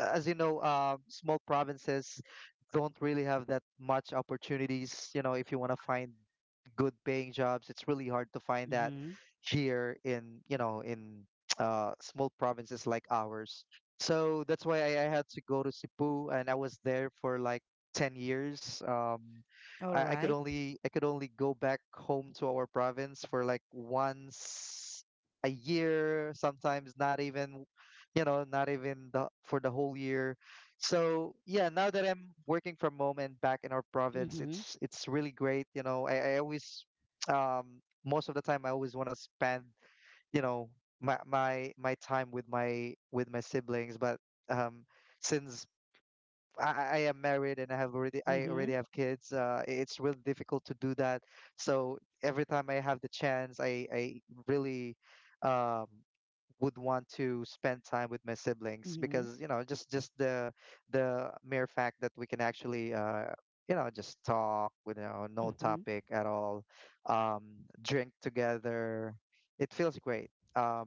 B: a- as you know, uh, small provinces don't really have that much opportunities. You know, if you want to find good paying jobs, it's really hard to find that
A: mhm.
B: here in, you know, in [TSK] uh, small provinces like ours. So that's why I, I had to go to Cebu, and I was there for like ten years. Um,
A: All
B: I, I could
A: right.
B: only I could only go back home to our province for like once a year, sometimes not even you know not even the for the whole year. So yeah, now that I'm working from home and back in our province,
A: Mhm,
B: it's it's really great. You know I, I always um Most of the time I always want to spend you know my my my time with my with my siblings. But um since I, I I am married and I have already I already
A: mhm,
B: have kids, Uh, it's really difficult to do that. So every time I have the chance, I I really um, would want to spend time with my siblings,
A: mhm,
B: because you know just just the the mere fact that we can actually uh you know just talk with, you know, no
A: mhm,
B: topic at all, um drink together, it feels great. um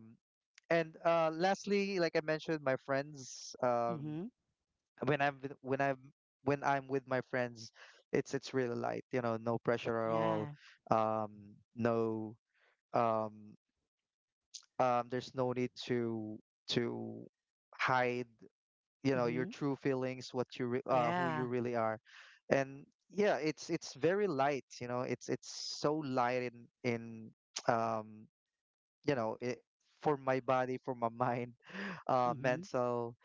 B: and uh lastly, like I mentioned, my friends. um
A: mhm,
B: when i'm with- when i'm when I'm with my friends, it's it's really light, you know, no pressure at all.
A: yeah.
B: um no um um, there's no need to to hide, you know your
A: Mhm,
B: true feelings, what you re- uh, who you
A: yeah.
B: really are. And yeah, it's it's very light. You know it's it's so light in in [TSK] um you know it for my body, for my mind, [LAUGHS] uh
A: Mhm,
B: mental.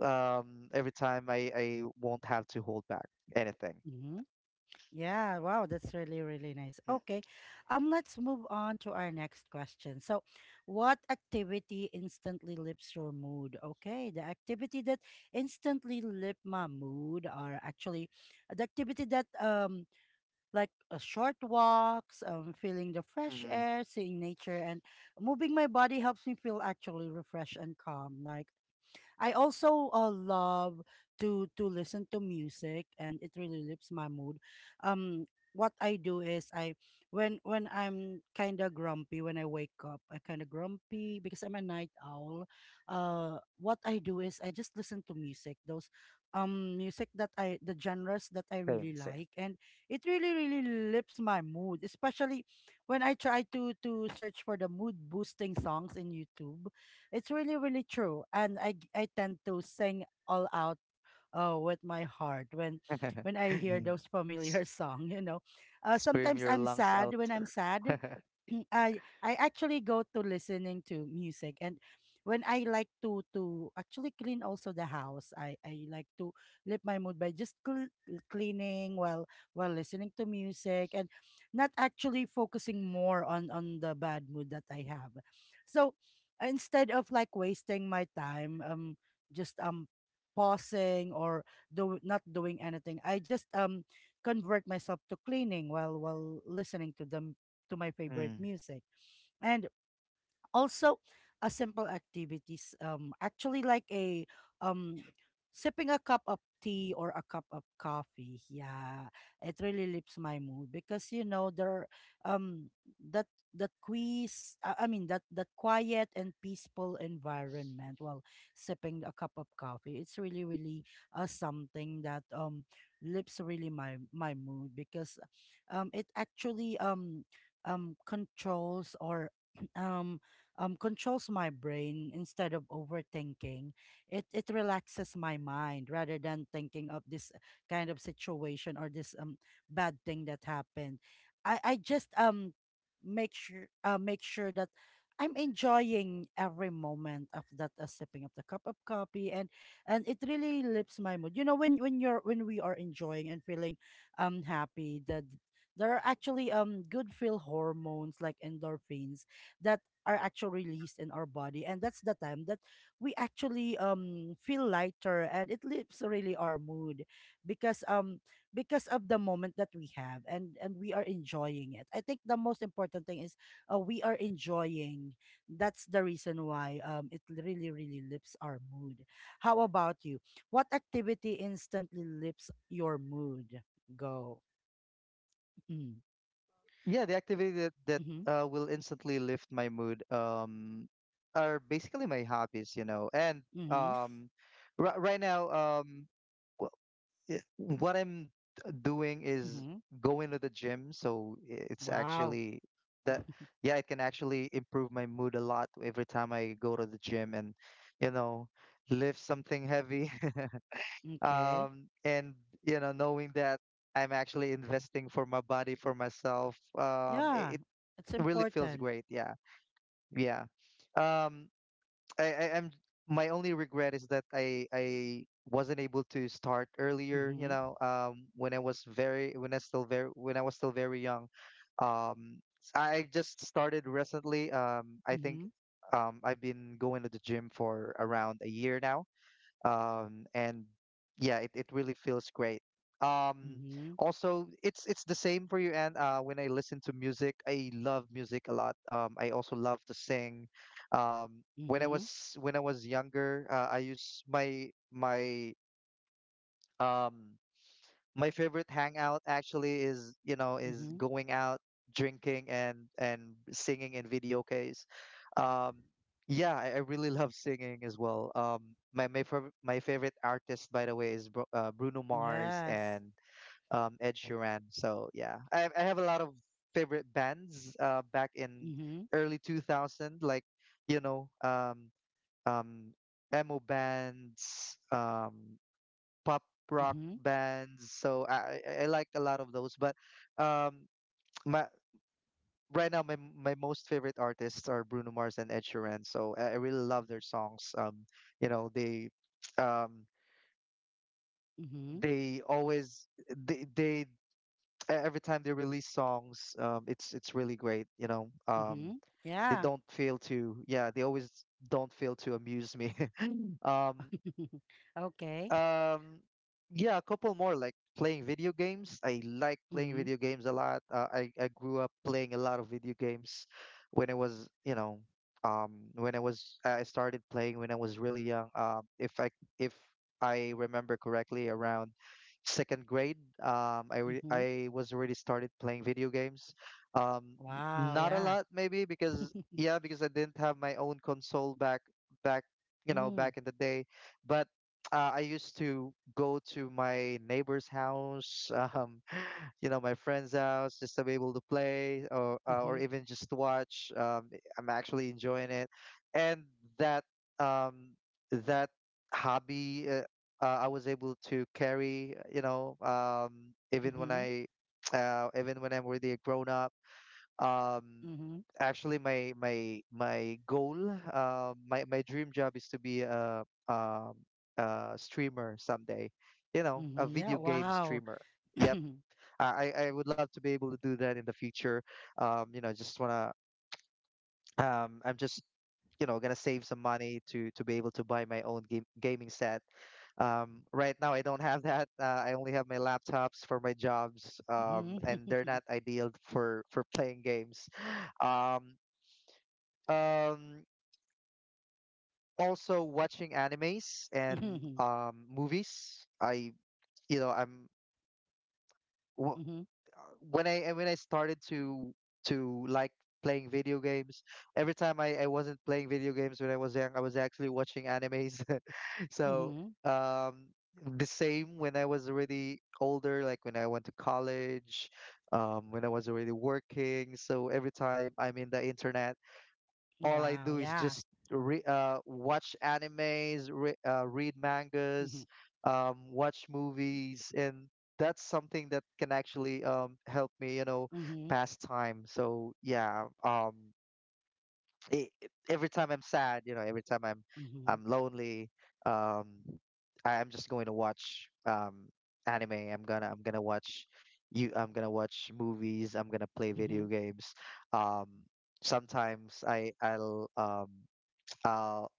B: um Every time I I won't have to hold back anything.
A: mhm. Yeah, wow, that's really, really nice.
B: Mm,
A: Okay, um, let's move on to our next question. So, what activity instantly lifts your mood? Okay, the activity that instantly lift my mood are actually the activity that, um like, uh, short walks, um, feeling the fresh
B: mhm.
A: air, seeing nature, and moving my body helps me feel actually refreshed and calm. Like, I also uh, love to to listen to music, and it really lifts my mood. Um, what I do is, I when when I'm kind of grumpy when I wake up, I kind of grumpy because I'm a night owl. Uh, what I do is, I just listen to music. Those um music that, I the genres that I
B: Same,
A: really
B: same.
A: like, and it really, really lifts my mood, especially when I try to to search for the mood boosting songs in YouTube. It's really, really true. And I g- I tend to sing all out, uh, with my heart, when
B: [LAUGHS]
A: when I hear
B: Mm.
A: those familiar
B: S-
A: [LAUGHS] song, you know. Uh,
B: Scream
A: sometimes
B: your
A: I'm
B: lungs
A: sad,
B: out.
A: when I'm sad.
B: [LAUGHS]
A: [CLEARS THROAT] I I actually go to listening to music, and when I like to to actually clean also the house, I I like to lift my mood by just cl- cleaning while while listening to music, and not actually focusing more on on the bad mood that I have. So, uh, instead of, like, wasting my time, um just um pausing, or do not doing anything, I just um convert myself to cleaning while while listening to the to my favorite
B: Mm.
A: music. And also, a simple activities, um, actually like a, um, sipping a cup of tea or a cup of coffee. Yeah, it really lifts my mood because you know there, um, that that quiz, uh, I mean that that quiet and peaceful environment. Well, sipping a cup of coffee, it's really really uh, something that um lifts really my my mood because um it actually um um controls or [CLEARS THROAT] um um, controls my brain instead of overthinking. It it relaxes my mind rather than thinking of this kind of situation or this um bad thing that happened. I I just um make sure uh make sure that I'm enjoying every moment of that uh, sipping of the cup of coffee, and and it really lifts my mood. You know, when when you're when we are enjoying and feeling um happy, that there are actually um good feel hormones like endorphins that are actually released in our body, and that's the time that we actually um feel lighter and it lifts really our mood, because um because of the moment that we have, and and we are enjoying it. I think the most important thing is uh, we are enjoying. That's the reason why um it really really lifts our mood. How about you? What activity instantly lifts your mood? Go. Mm.
B: Yeah, the activity that, that
A: Mm-hmm.
B: uh, will instantly lift my mood um, are basically my hobbies, you know. And
A: Mm-hmm.
B: um, ri- right now, um, well, i- what I'm d- doing is
A: Mm-hmm.
B: going to the gym. So i- it's
A: Wow. [LAUGHS]
B: actually that, yeah, it can actually improve my mood a lot every time I go to the gym and, you know, lift something heavy. [LAUGHS]
A: Okay.
B: Um, and, you know, knowing that I'm actually investing for my body, for myself, um,
A: Yeah,
B: i-
A: it's
B: really feels
A: important.
B: great. Yeah, yeah. Um, I, I am My only regret is that I I wasn't able to start earlier. You
A: Mm-hmm.
B: know, um, when I was very when I still very when I was still very young. Um, s- I just started recently. Um, I think
A: Mm-hmm.
B: um I've been going to the gym for around a year now, um, and yeah, it, it really feels great. Um,
A: Mm-hmm.
B: also, it's it's the same for you. And uh, when I listen to music, I love music a lot. Um, I also love to sing. Um, when I
A: Mm-hmm.
B: was when I was younger, uh, I used my my um, my favorite hangout actually is, you know, is
A: Mm-hmm.
B: going out drinking and and singing in video case. Um, yeah, I, I really [LAUGHS] love singing as well. Um, my my fav my favorite artist, by the way, is Bru uh, Bruno Mars
A: Yes.
B: and, um, Ed Sheeran. So yeah, I I have a lot of favorite bands uh, back in
A: Mm-hmm.
B: early two thousand, like you know, um, um, emo bands. Um, pop rock
A: Mm-hmm.
B: bands. So I, I I like a lot of those. But um, my right now my my most favorite artists are Bruno Mars and Ed Sheeran. So I, I really love their songs. Um, you know they um
A: Mm-hmm.
B: they always they they e- every time they release songs, um it's it's really great, you know um
A: Mm-hmm.
B: they
A: Yeah.
B: don't fail to yeah they always don't fail to amuse me. [LAUGHS] um
A: [LAUGHS] Okay.
B: Um, yeah, a couple more, like playing video games. I like playing
A: Mm-hmm.
B: video games a lot. Uh, I I grew up playing a lot of video games when I was, you know, um, when I was I started playing when I was really young. Um, if I if I remember correctly, around second grade, um, I re
A: Mm-hmm.
B: I was already started playing video games. Um, n-
A: Wow,
B: Not a
A: yeah.
B: lot maybe because,
A: [LAUGHS]
B: yeah, because I didn't have my own console back back, you know,
A: Mm.
B: back in the day. But uh, I used to go to my neighbor's house, [LAUGHS] um, you know, my friend's house, just to be able to play or uh, or
A: Mm-hmm.
B: even just to watch. Um, I'm actually enjoying it, and that um, that hobby, uh, uh, I was able to carry, uh, you know, um, even when
A: Mm-hmm.
B: I [TSK] uh, even when I'm really a grown up. Um,
A: Mm-hmm.
B: actually my my my goal uh, my my dream job is to be a, um a streamer someday, you know, a
A: Mm-hmm. Yeah,
B: video game
A: wow.
B: streamer. Yep.
A: [CLEARS THROAT]
B: i i I would love to be able to do that in the future. Um you know just wanna um I'm just you know gonna save some money to to be able to buy my own game gaming set. Um right now I don't have that. uh, I only have my laptops for my jobs, um
A: Mm-hmm.
B: and they're
A: [LAUGHS]
B: not ideal for for playing games. [LAUGHS] um um Also, watching animes and
A: Mm-hmm.
B: um movies. I you know I'm wh-
A: Mm-hmm.
B: when I When I started to to like playing video games. Every time I I wasn't playing video games when I was young, I was actually watching animes. [LAUGHS] So
A: Mm-hmm.
B: um the same when I was already older, like when I went to college, um when I was already working. So every time I'm in the internet, all I
A: Wow,
B: do is
A: yeah.
B: just re- uh, watch animes, re- uh, read mangas,
A: Mm-hmm.
B: um, watch movies, and that's something that can actually um, help me, you know,
A: Mm-hmm.
B: pass time. So yeah, um, e- e- every time I'm sad, you know, every time I'm
A: Mm-hmm.
B: I'm lonely, um, I- I'm just going to watch um anime. I'm gonna I'm gonna watch you. I'm gonna watch movies. I'm gonna play
A: Mm-hmm.
B: video games. Um, sometimes I I'll um [TSK] I'll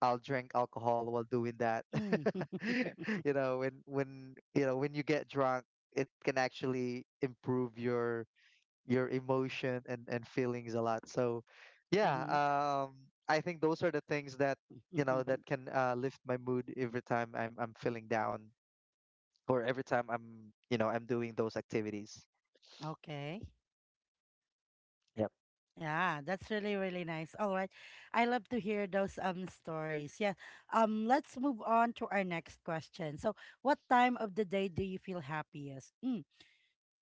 B: I'll drink alcohol while doing that.
A: Mm. [LAUGHS]
B: [LAUGHS] You know, when when you know when you get drunk, it can actually improve your your emotion and and feelings a lot. So yeah,
A: Mm-hmm.
B: um I think those are the things that you know
A: [LAUGHS]
B: that can uh, lift my mood every time i'm i'm feeling down, or every time I'm you know I'm doing those activities.
A: Okay.
B: Yep.
A: Yeah, that's really, really nice. All right. I love to hear those um stories. Yeah. Um, let's move on to our next question. So, what time of the day do you feel happiest? Mm.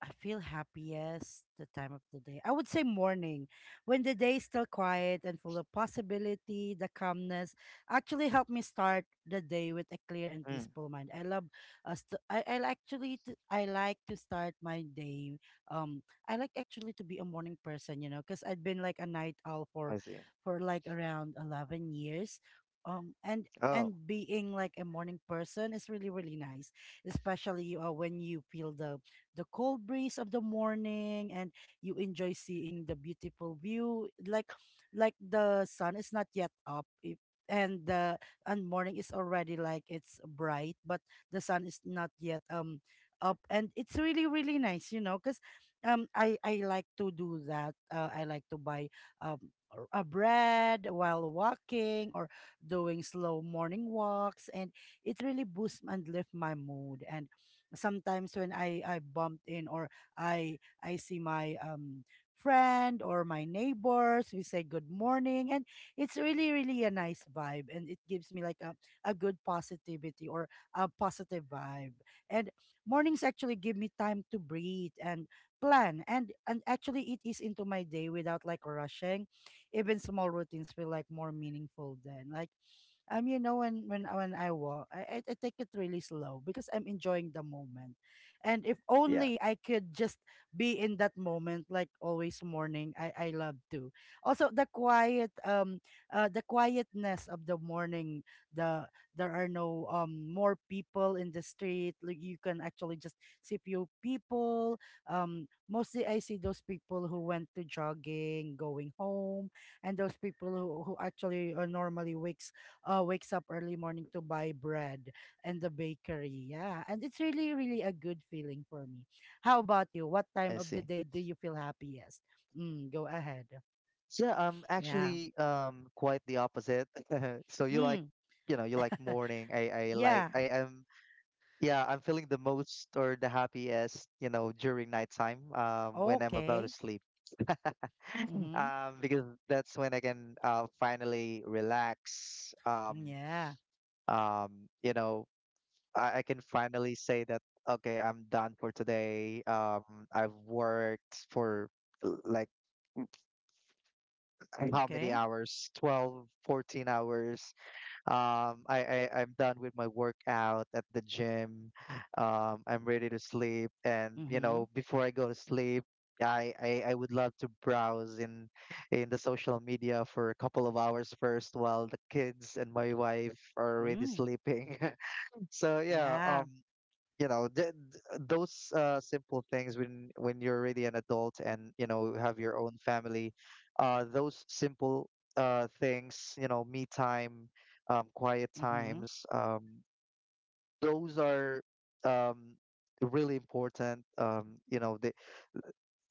A: I feel happiest the time of the day. I would say morning, when the day is still quiet and full of possibility. The calmness actually helped me start the day with a clear and
B: Mm.
A: peaceful mind. I love us to. I I actually t- I like to start my day. Um, I like actually to be a morning person, you know, because I've been like a night owl for,
B: I see.
A: for like around eleven years. Um, and
B: Oh.
A: and being like a morning person is really really nice, especially uh, when you feel the the cold breeze of the morning, and you enjoy seeing the beautiful view, like like the sun is not yet up. If and the and Morning is already like it's bright, but the sun is not yet um up, and it's really really nice, you know, because um i i like to do that. uh, I like to buy um or a bread while walking, or doing slow morning walks, and it really boosts and lifts my mood. And sometimes when I I bumped in, or I I see my um friend or my neighbors, we say good morning, and it's really really a nice vibe, and it gives me like a a good positivity or a positive vibe. And mornings actually give me time to breathe and plan, and and actually it is into my day without like rushing. Even small routines feel like more meaningful then, like, um you know when when uh, when I walk, I, I I take it really slow because I'm enjoying the moment. And if
B: Yeah,
A: only I could just be in that moment, like always morning. I I love to. Also the quiet, um uh, the quietness of the morning, the there are no um more people in the street, like you can actually just see few people. Um mostly I see those people who went to jogging going home, and those people who, who actually uh, normally wakes, uh, wakes up early morning to buy bread, and the bakery. Yeah. And it's really, really a good feeling for me. How about you? What
B: I
A: time of the
B: see.
A: day do you feel happiest? Mm, go ahead.
B: So yeah, I'm
A: Yeah.
B: actually um quite the opposite. [LAUGHS] So you like,
A: Mm,
B: you know you like morning. I I
A: yeah.
B: like I am Yeah, I'm feeling the most or the happiest, you know, during nighttime, um, when I'm about to
A: Okay.
B: sleep.
A: Mm-hmm.
B: Um, because that's when I can uh, finally relax. Um,
A: Yeah.
B: um, you know, I, I can finally say that, okay, I'm done for today. Um, I've worked for l- like how many
A: Okay.
B: hours? Twelve, fourteen hours. Um, I, I I'm done with my workout at the gym. Um, I'm ready to sleep, and, you
A: Mm-hmm.
B: know, before I go to sleep, I, I I would love to browse in in the social media for a couple of hours first while the kids and my wife are already
A: Mm.
B: sleeping. [LAUGHS] So yeah,
A: Yeah.
B: um, you know th- th- those uh, simple things when, when you're really an adult and, you know, have your own family. Uh those simple uh things you know Me time, um quiet
A: Mm-hmm.
B: times, um those are um really important. um you know the,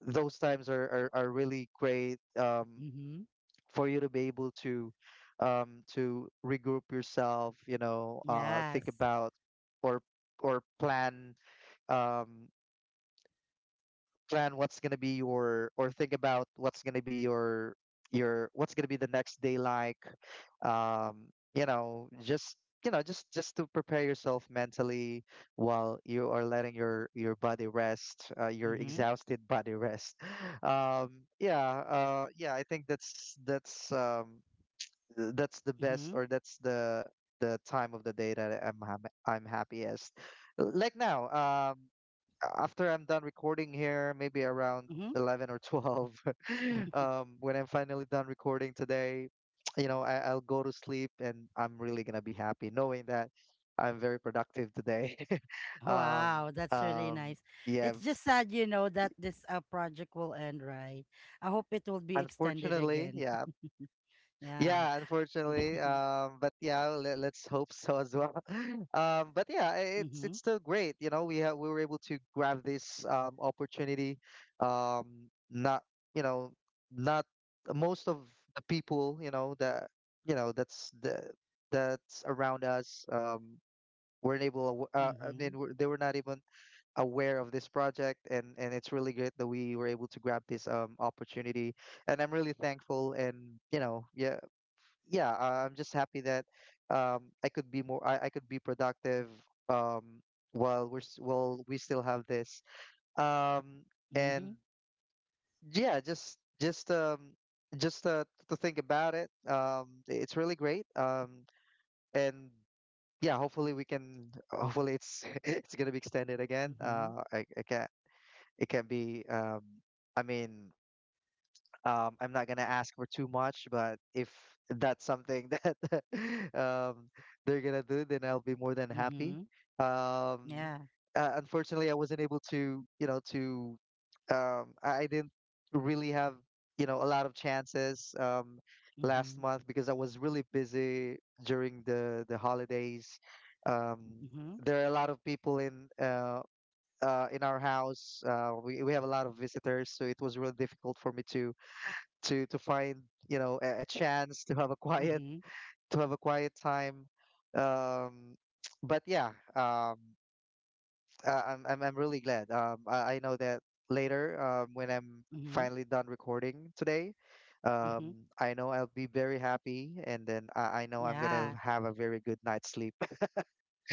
B: Those times are, are are really great, um
A: Mm-hmm.
B: for you to be able to um to regroup yourself, you know, uh think
A: Yes.
B: about, or or plan, um, plan what's going to be your or think about what's going to be your your, what's going to be the next day, like, um you know just you know just just to prepare yourself mentally while you are letting your your body rest, uh, your
A: Mm-hmm.
B: exhausted body rest. [LAUGHS] um yeah, uh yeah, I think that's that's um th- that's the best,
A: Mm-hmm.
B: or that's the the time of the day that i'm ha- I'm happiest, like now. um After I'm done recording here, maybe around
A: Mm-hmm.
B: eleven or twelve, [LAUGHS] um, when I'm finally done recording today, [TSK] you know, I, I'll go to sleep, and I'm really gonna be happy knowing that I'm very productive today. [LAUGHS] Um,
A: Wow, that's really
B: um,
A: nice.
B: yeah,
A: It's just sad, you know, that this uh, project will end, right? I hope it will be extended
B: unfortunately.
A: again.
B: Yeah,
A: [LAUGHS] Yeah.
B: yeah, unfortunately,
A: [LAUGHS]
B: um, but yeah, let, let's hope so as well. Um, but yeah, i- it's
A: Mm-hmm.
B: it's still great. You know, we have we were able to grab this um, opportunity. Um, not, you know, not most of the people, you know that you know that's the that's around us, um, weren't able. aw- Uh, I
A: Mm-hmm.
B: mean, were- they were not even aware of this project, and and it's really great that we were able to grab this um, opportunity. And I'm really thankful, and, you know, yeah, yeah, I- I'm just happy that, um, I could be more, I, I could be productive, um, while we're s- while we still have this. Um, and
A: Mm-hmm.
B: yeah, just just um, just uh, to think about it, um, it's really great. Um, and yeah, hopefully we can. Hopefully it's [LAUGHS] it's gonna be extended again.
A: Mm-hmm.
B: Uh, I, I can't. It can't be. Um, I mean, Um, I'm not gonna ask for too much, but if that's something that [LAUGHS] um, they're gonna do, then I'll be more than happy.
A: Mm-hmm.
B: Um,
A: Yeah.
B: uh, Unfortunately, I wasn't able to, you know, to um, I I didn't really have, you know, a lot of chances, um, last
A: Mm-hmm.
B: month, because I was really busy during the the holidays. Um,
A: Mm-hmm.
B: there are a lot of people in uh, uh, in our house. Uh, we we have a lot of visitors, so it was really difficult for me to to to find, you know, a, a chance to have a quiet
A: Mm-hmm.
B: to have a quiet time. um but yeah, um I, I'm, I'm i'm really glad, um I, I know that later, um when I'm
A: Mm-hmm.
B: finally done recording today, um
A: Mm-hmm.
B: I know I'll be very happy, and then i, I know I'm gonna
A: Yeah.
B: have a very good night's sleep.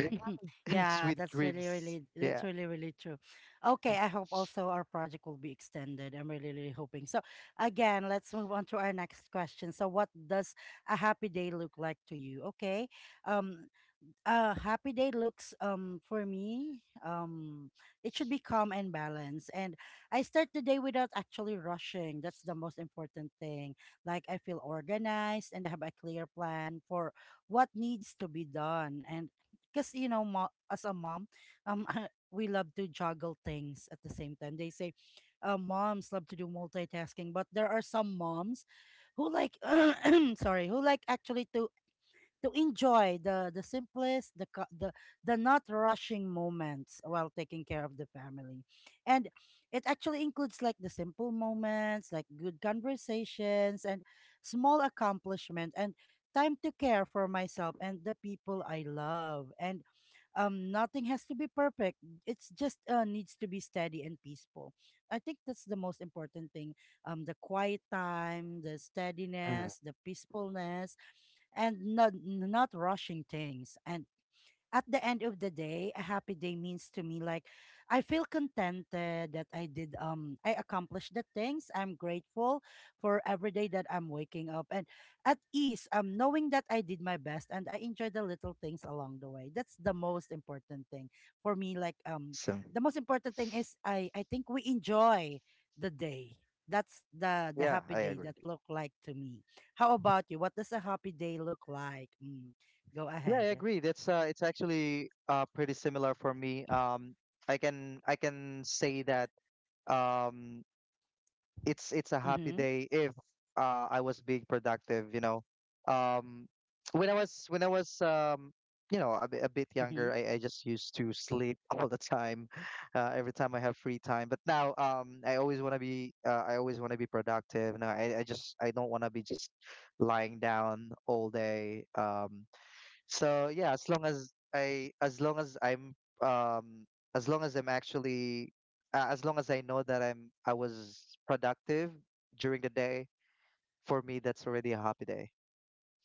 A: [LAUGHS] Yeah,
B: Sweet
A: that's really,
B: dreams.
A: really,
B: Yeah.
A: that's really, really true. Okay, I hope also our project will be extended. I'm really, really hoping. So, again, let's move on to our next question. So, what does a happy day look like to you? Okay, um, a happy day looks um for me, um it should be calm and balanced, and I start the day without actually rushing. That's the most important thing. Like I feel organized and I have a clear plan for what needs to be done, and because you know mo- as a mom, um [LAUGHS] we love to juggle things at the same time, they say uh, moms love to do multitasking, but there are some moms who like [CLEARS THROAT] sorry, who like actually to to enjoy the the simplest, the co- the the not rushing moments while taking care of the family. And it actually includes like the simple moments, like good conversations and small accomplishment and time to care for myself and the people I love. And um nothing has to be perfect. It's just uh, needs to be steady and peaceful. I think that's the most important thing, um the quiet time, the
B: Mm.
A: steadiness, the peacefulness, and not not rushing things. And at the end of the day, a happy day means to me, like, I feel contented that I did um I accomplished the things. I'm grateful for every day that I'm waking up, and at ease, um knowing that I did my best and I enjoy the little things along the way. That's the most important thing for me. Like um
B: So
A: the most important thing is I I think we enjoy the day. That's the the
B: yeah,
A: happy
B: I
A: day
B: agree.
A: that look like to me. How about you? What does a happy day look like? Mm, go
B: Yeah, I
A: ahead.
B: agree. That's uh, it's actually uh pretty similar for me. Um, I can I can say that um it's it's a happy
A: Mm-hmm.
B: day if uh I was being productive, you know. Um, when I was when I was um you know a, bit- a bit
A: Mm-hmm.
B: younger, I, I just used to sleep [LAUGHS] all the time, uh, every time I have free time. But now um I always want to be uh, I always want to be productive. No, I I just I don't want to be just lying down all day. Um, so yeah, as long as I, as long as I'm, um, as long as I'm actually, uh, as long as I know that I'm, I was productive during the day, for me, that's already a happy day.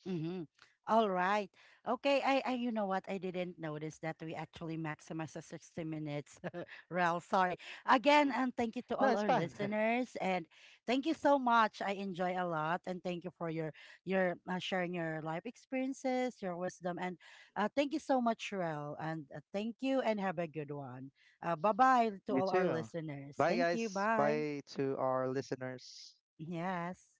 A: Mm-hmm. All right. Okay. I, I, you know what? I didn't notice that we actually maximize the sixty minutes. [LAUGHS] Rel, sorry. Again,
B: Mm.
A: and thank you to
B: No,
A: all
B: it's
A: our
B: fine. [LAUGHS]
A: listeners. And thank you so much. I enjoy a lot. And thank you for your, your uh, sharing your life experiences, your wisdom. And uh, thank you so much, Rel. And uh, thank you and have a good one. Uh, bye bye to
B: You
A: all our
B: too.
A: listeners.
B: Bye,
A: Thank you.
B: guys.
A: Bye.
B: Bye to our listeners.
A: Yes.